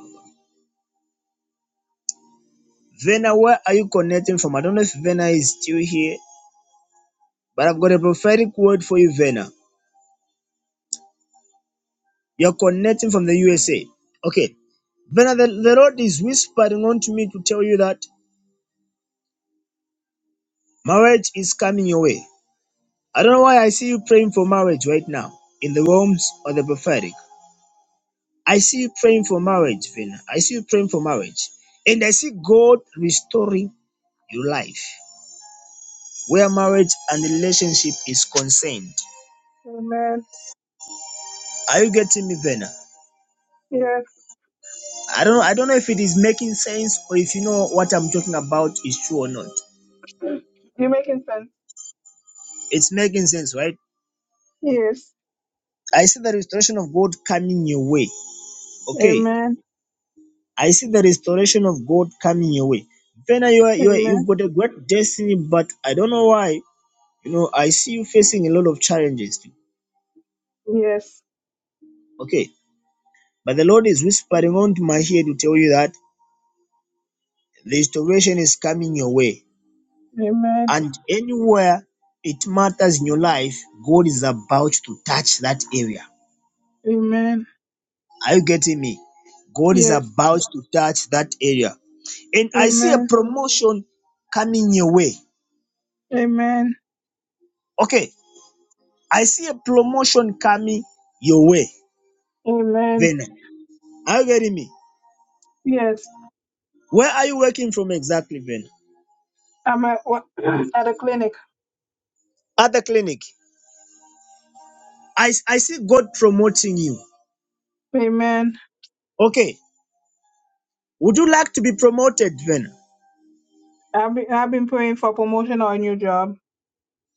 Vena, where are you connecting from? I don't know if Vena is still here, but I've got a prophetic word for you, Vena. You're connecting from the USA. Okay. Then the, the Lord is whispering unto me to tell you that marriage is coming your way. I don't know why I see you praying for marriage right now in the realms of the prophetic. I see you praying for marriage, Vina. I see you praying for marriage. And I see God restoring your life where marriage and relationship is concerned. Amen. Are you getting me, Vena? Yes. I don't I don't know if it is making sense or if you know what I'm talking about is true or not. You're making sense. It's making sense, right? Yes. I see the restoration of God coming your way. Okay Amen. I see the restoration of God coming your way. Fena, you are, you are, you've Amen. got a great destiny, but I don't know why. You know, I see you facing a lot of challenges. Yes. Okay. But the Lord is whispering onto my ear to tell you that the restoration is coming your way. Amen. And anywhere it matters in your life, God is about to touch that area. Amen. Are you getting me? God is Yes. about to touch that area. And I see a Amen. promotion coming your way. Amen. Okay. I see a promotion coming your way, Amen. Vena. Are you getting me? Yes. Where are you working from exactly, Vena? I'm at wo- [CLEARS THROAT] at a clinic. At the clinic. I, I see God promoting you. Amen. Okay. Would you like to be promoted, Vena? I've been I've been praying for promotion or a new job.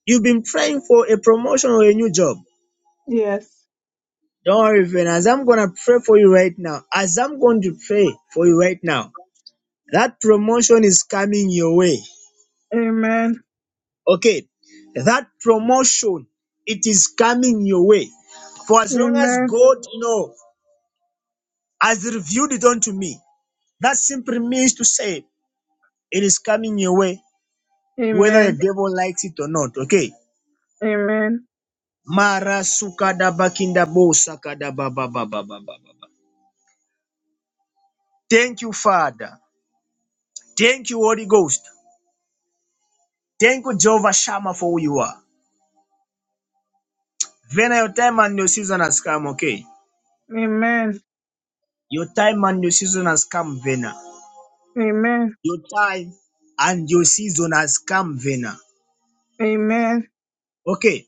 You've been praying for a promotion or a new job. Yes. Don't worry, Vena. As I'm going to pray for you right now, as I'm going to pray for you right now, that promotion is coming your way. Amen. Okay. That promotion, it is coming your way. For as long as Amen. God, you know, as he revealed it unto me. That simply means to say it is coming your way, whether the Amen. devil likes it or not. Okay. Amen. Mara sukada bakinda bo sakada ba ba ba ba ba ba ba. ba. Thank you, Father. Thank you, Holy Ghost. Thank you, Jehovah Shammah, for who you are. Vena, your time and your season has come, okay? Amen. Your time and your season has come, Vena. Amen. Your time and your season has come, Vena. Amen. Okay,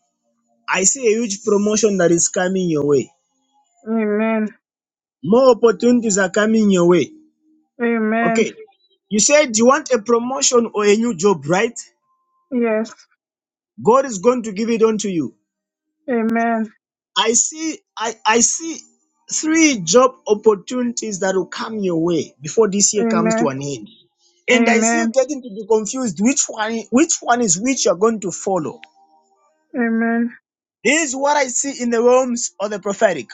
I see a huge promotion that is coming your way. Amen. More opportunities are coming your way. Amen. Okay. You said you want a promotion or a new job, right? Yes. God is going to give it unto you. Amen. I see I, I see three job opportunities that will come your way before this year comes Amen. to an end. And I see you Amen. getting to be confused which one which one is which you're going to follow. Amen. This is what I see in the realms of the prophetic.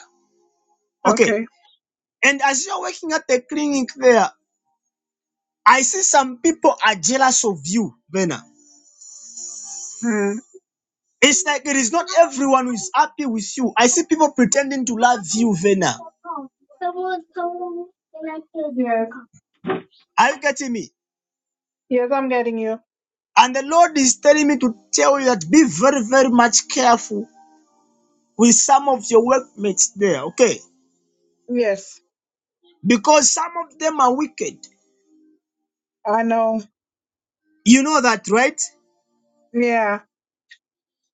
Okay. Okay. And as you're working at the clinic there, I see some people are jealous of you, Vena. Hmm. It's like it is not everyone who is happy with you. I see people pretending to love you, Vena. Yes. Are you getting me? Yes, I'm getting you. And the Lord is telling me to tell you that be very, very much careful with some of your workmates there, okay? Yes. Because some of them are wicked. I know. You know that, right? Yeah.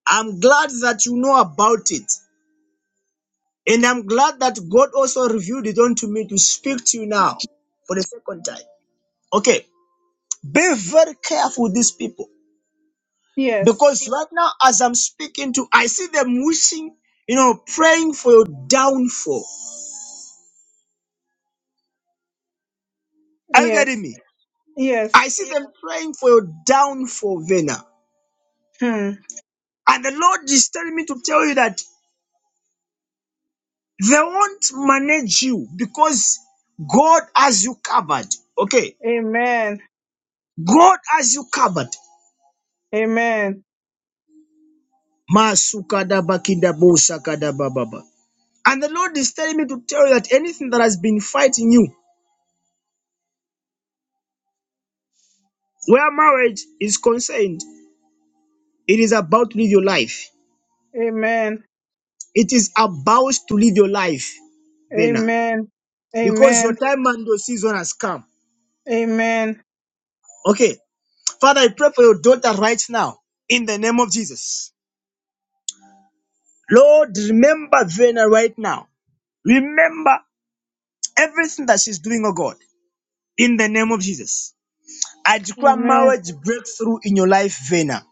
I'm glad that you know about it. And I'm glad that God also revealed it unto me to speak to you now for the second time. Okay, be very careful with these people Yes. Because right now, as I'm speaking to, I see them wishing, you know, praying for your downfall. Are you getting Yes. me? Yes. I see them praying for your downfall, Vena. Hmm. And the Lord is telling me to tell you that they won't manage you because God has you covered. Okay. Amen. God has you covered. Amen. Masukadabakidabosakadabababa. And the Lord is telling me to tell you that anything that has been fighting you, where marriage is concerned, it is about to leave your life. Amen. It is about to live your life, Bena, Amen. because your Amen. time and your season has come. Amen. Okay. Father, I pray for your daughter right now in the name of Jesus. Lord, remember Vena right now. Remember everything that she's doing, oh God, in the name of Jesus. I declare Amen. marriage breakthrough in your life, Vena.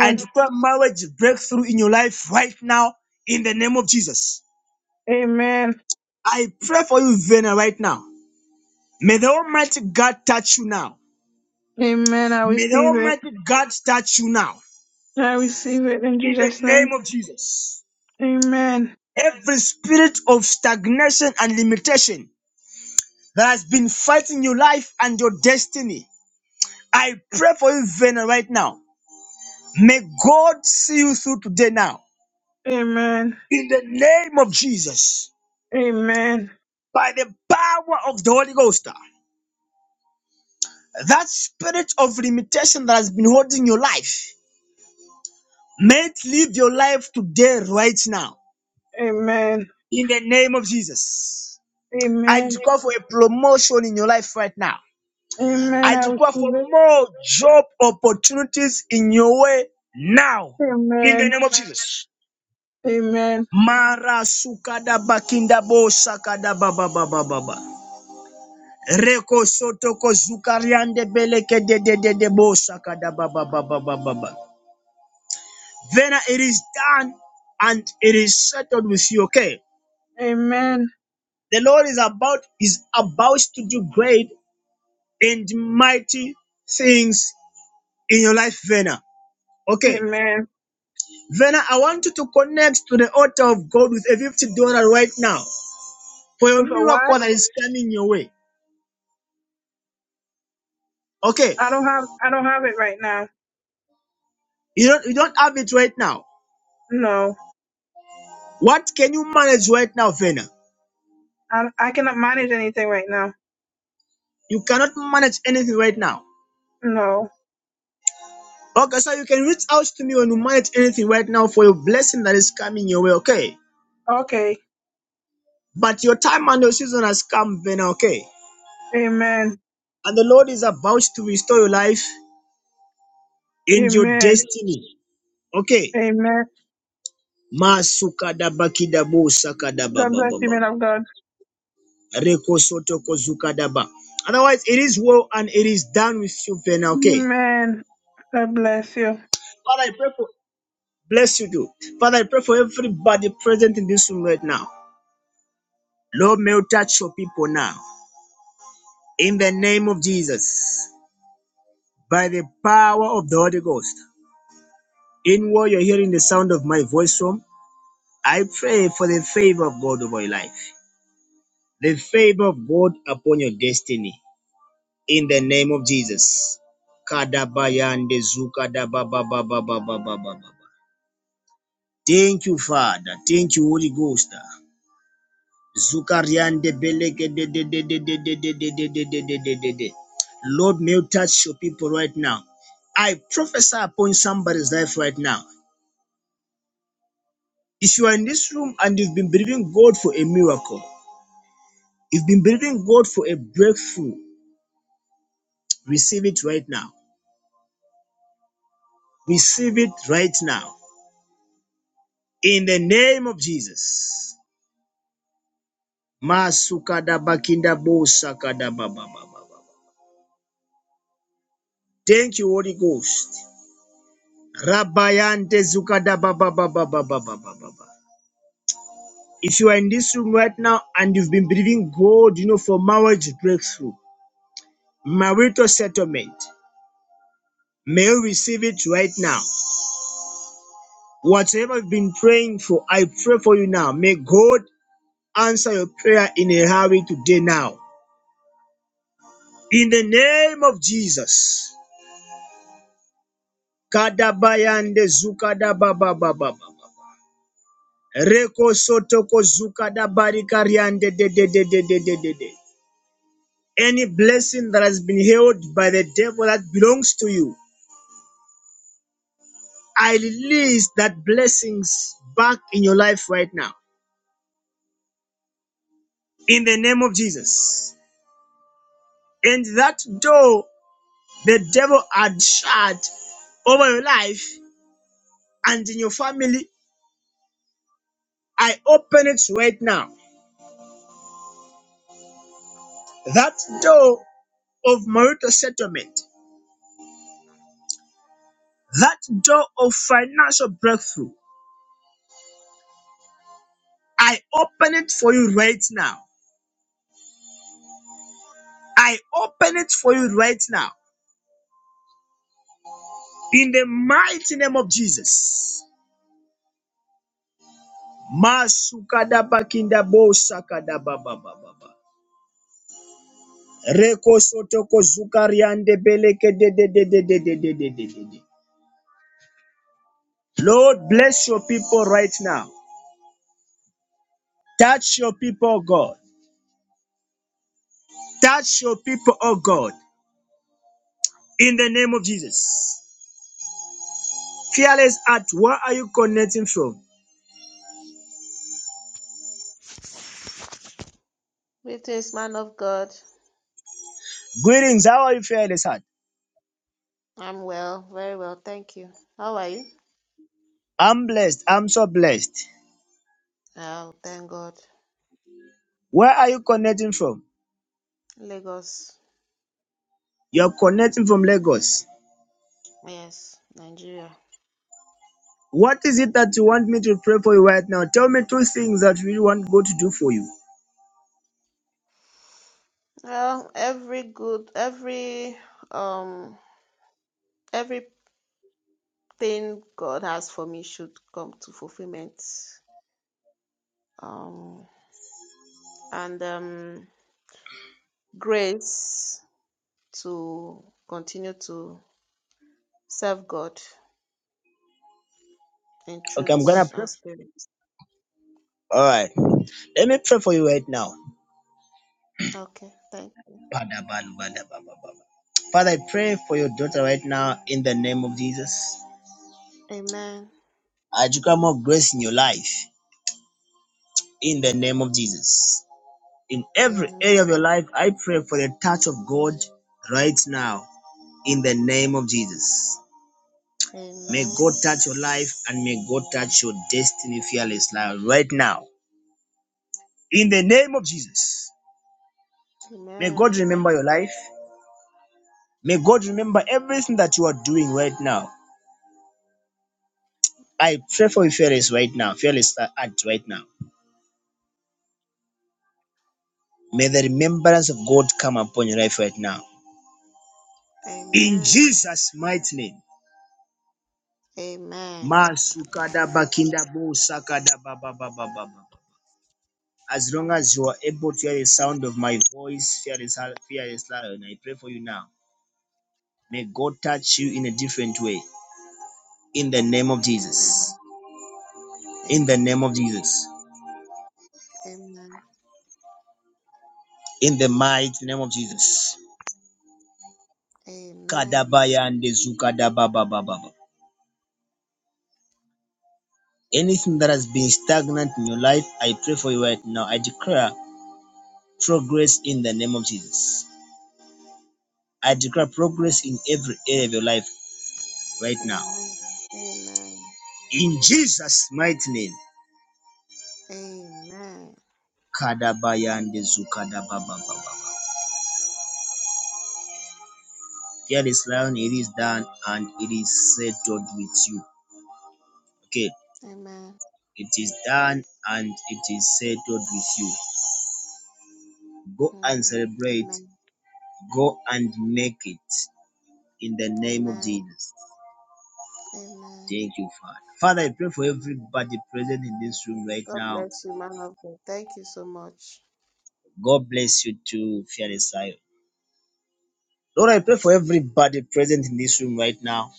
I declare marriage breakthrough in your life right now in the name of Jesus. Amen. I pray for you, Vena, right now. May the Almighty God touch you now. Amen. I May the receive it. Almighty God touch you now I receive it in in the Jesus' name name. of Jesus. Amen. Every spirit of stagnation and limitation that has been fighting your life and your destiny, I pray for you, Vena, right now. May God see you through today now Amen. in the name of Jesus Amen. by the power of the Holy Ghost. That spirit of limitation that has been holding your life, may it leave your life today, right now, Amen. in the name of Jesus. I Amen. declare for a promotion in your life right now. Amen. I I declare receive for it. more job opportunities in your way now. In the Amen. name of Jesus. Amen. Mara sukada bakinda bo sakada baba baba baba. Reko soto ko zukariande beleke de de de de bo sakada baba baba baba baba. Then it is done and it is settled with you. Okay. Amen. The Lord is about is about to do great and mighty things in your life, Vena. Okay, Amen. Vena, I want you to connect to the altar of God with a fifty dollar right now for your But For what? miracle that is coming your way. Okay, I don't have I don't have it right now. you don't you don't have it right now. No. What can you manage right now, Vena? I I cannot manage anything right now. You cannot manage anything right now. No. Okay, so you can reach out to me when you manage anything right now for your blessing that is coming your way. Okay, Okay. but your time and your season has come, Vena. Okay, Amen. and the Lord is about to restore your life and your Amen. destiny. Okay, Amen. Masukadaba kidabo sakadaba God bless you, bababa. man of God. Reko soto kozukadaba. Otherwise, it is well and it is done with you, Vena. Okay. Amen. God bless you. Father, I pray for bless you, do. Father, I pray for everybody present in this room right now. Lord, may you touch your people now. In the name of Jesus, by the power of the Holy Ghost, in what you're hearing the sound of my voice from, I pray for the favor of God over your life, the favor of God upon your destiny in the name of Jesus. Kadabayande zukadabababababababa. Thank you, Father. Thank you, Holy Ghost. Zukariande de de de de de de de de de de de de de de de. Lord, may you touch your people right now. I prophesy upon somebody's life right now. If you are in this room and you've been believing God for a miracle, you've been believing God for a breakthrough, receive it right now. Receive it right now. In the name of Jesus. Masukada bakinda bosakada baba baba. Thank you, Holy Ghost. Rabayante zukada baba baba baba baba baba. If you are in this room right now and you've been believing God, you know, for marriage breakthrough, marital settlement, may you receive it right now. Whatever you've been praying for, I pray for you now. May God answer your prayer in a hurry today now. In the name of Jesus. Kadabayande zukada baba baba baba. Reko soto kozuka da barikariande de de de de de de de de. Any blessing that has been held by the devil that belongs to you, I release that blessings back in your life right now. In the name of Jesus. And that door the devil had shut over your life and in your family, I open it right now. That door of marital settlement, that door of financial breakthrough, I open it for you right now. I open it for you right now. In the mighty name of Jesus. Masukadabakinda bo sakadababababa. Reko sotoko zukariande beleke de de de de de de de de de de de. Lord, bless your people right now. Touch your people, oh God. Touch your people, oh God. In the name of Jesus. Fearless Heart, where are you connecting from? Greetings, man of God. Greetings, how are you, Fearless Heart? I'm well, very well, thank you. How are you? I'm blessed. I'm so blessed. Oh, thank God. Where are you connecting from? Lagos. You're connecting from Lagos. Yes, Nigeria. What is it that you want me to pray for you right now? Tell me two things that you want God to do for you. Well, every good, every um, everything God has for me should come to fulfillment. Um, and um, grace to continue to serve God in Okay, I'm gonna truth pray. and spirit. All right, let me pray for you right now. Okay, thank you. Father, I pray for your daughter right now in the name of Jesus. Amen. I declare more grace in your life in the name of Jesus. In every area of Amen. your life, I pray for the touch of God right now in the name of Jesus. May Amen. God touch your life and may God touch your destiny fearless life right now. In the name of Jesus, may Amen. God remember your life. May God remember Mm. everything that you are doing right now. I pray for you fearless right now, fearless act right now. May the remembrance of God come upon your life right now. In Amen. Jesus' mighty name. Amen. As long as you are able to hear the sound of my voice, fearless, fearless and I pray for you now. May God touch you in a different way. In the name of Amen. Jesus. In the Amen. name of Jesus. Amen. In the mighty name of Jesus. Amen. Kadabaya and Zukadababababa. Anything that has been stagnant in your life, I pray for you right now. I declare progress in the name of Jesus. I declare progress in every area of your life right now. Amen. Amen. In Jesus' mighty name. Amen. Kadabaya and Zukadababababa. Dear lion, it is done and it is settled with you. Okay. Amen. It is done and it is settled with you. Go and Mm. celebrate. Amen. Go and make it in the name of Amen. Jesus. Amen. Thank you, Father. Father, I pray for everybody present in this room right God now. bless you, man of God. Thank you so much. God bless you too, fearless Zion. Lord, I pray for everybody present in this room right now.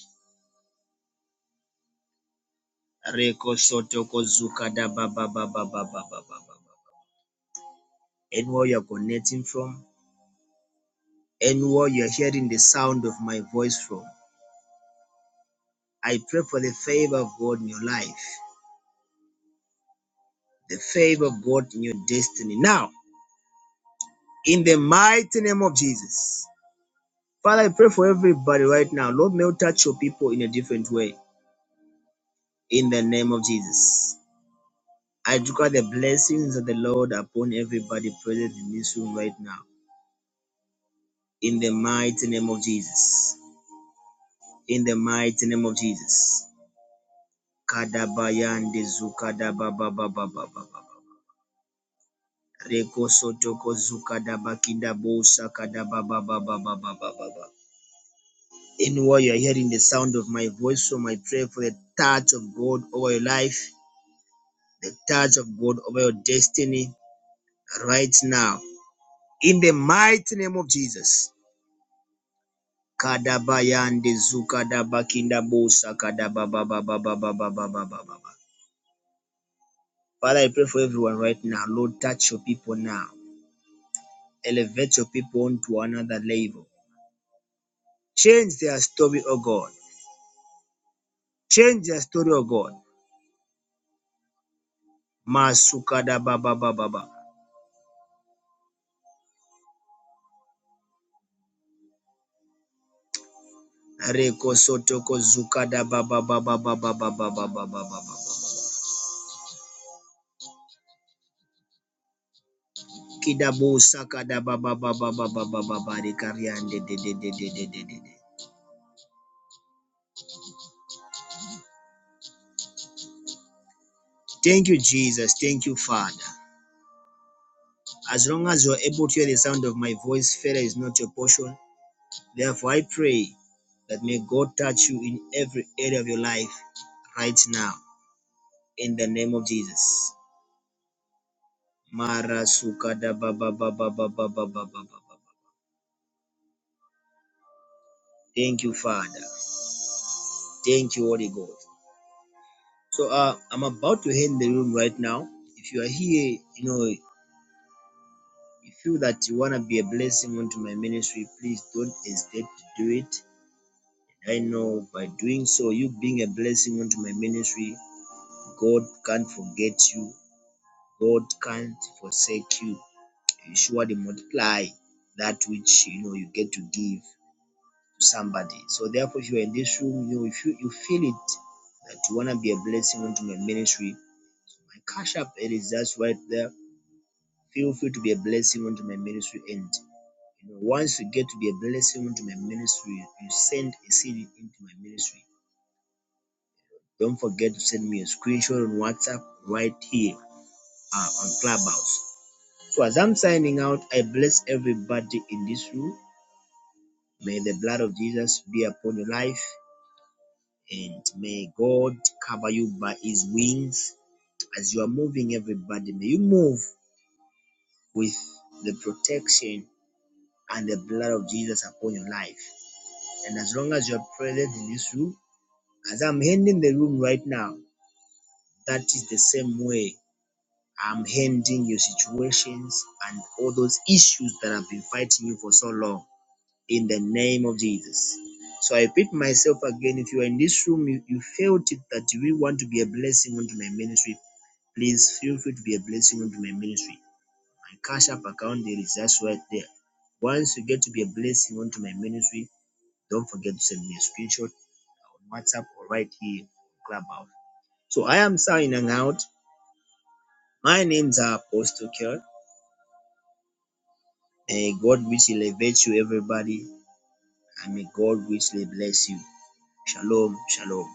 Reko Sotoko Zuka da ba ba ba ba ba ba ba ba ba. Anywhere you're connecting from, anywhere you're hearing the sound of my voice from, I pray for the favor of God in your life. the favor of God in your destiny. Now, in the mighty name of Jesus, Father, I pray for everybody right now. Lord, may you touch your people in a different way. In the name of Jesus, I declare the blessings of the Lord upon everybody present in this room right now. In the mighty name of Jesus. In the mighty name of Jesus. Kadabayande zukadaba ba ba ba Reko sotoko zukadaba kindabosa kadaba ba ba ba ba in what you're hearing the sound of my voice. So I pray for the touch of God over your life, the touch of God over your destiny right now. In the mighty name of Jesus. Father, I pray for everyone right now. Lord, touch your people now. Elevate your people onto another level. Change their story, oh God. Change their story, oh God. Masukadababababa. Reko sotoko zukada ba ba ba ba ba ba Kidabu sakada ba ba ba ba de de de de de de Thank you, Jesus. Thank you, Father. As long as you're able to hear the sound of my voice, failure is not your portion. Therefore, I pray that may God touch you in every area of your life right now in the name of Jesus. Mara sukada ba ba ba ba ba Thank you, Father. Thank you, Holy God. So uh, I'm about to end the room right now. If you are here, you know, you feel that you want to be a blessing onto my ministry, please don't hesitate to do it. I know by doing so, you being a blessing onto my ministry, God can't forget you. God can't forsake you. You surely multiply that which you know you get to give to somebody. So therefore, if you are in this room, you know, if you, you feel it that you want to be a blessing onto my ministry, my cash app it is just right there Feel free to be a blessing unto my ministry. And you know, once you get to be a blessing unto my ministry, you send a seed into my ministry. Don't forget to send me a screenshot on WhatsApp right here uh, on Clubhouse. So as I'm signing out, I bless everybody in this room. May the blood of Jesus be upon your life, and may God cover you by His wings as you are moving. Everybody, may you move with the protection and the blood of Jesus upon your life. And as long as you're present in this room, as I'm handing the room right now, that is the same way I'm handing your situations and all those issues that have been fighting you for so long in the name of Jesus. So I repeat myself again if you are in this room, you, you felt it that you really want to be a blessing unto my ministry, please feel free to be a blessing unto my ministry. My cash app account there is just right there. Once you get to be a blessing unto my ministry, don't forget to send me a screenshot on WhatsApp or right here on Clubhouse. So I am signing out. My name's Apostle Kerr. May God richly elevate you, everybody, and may God richly bless you. Shalom, shalom.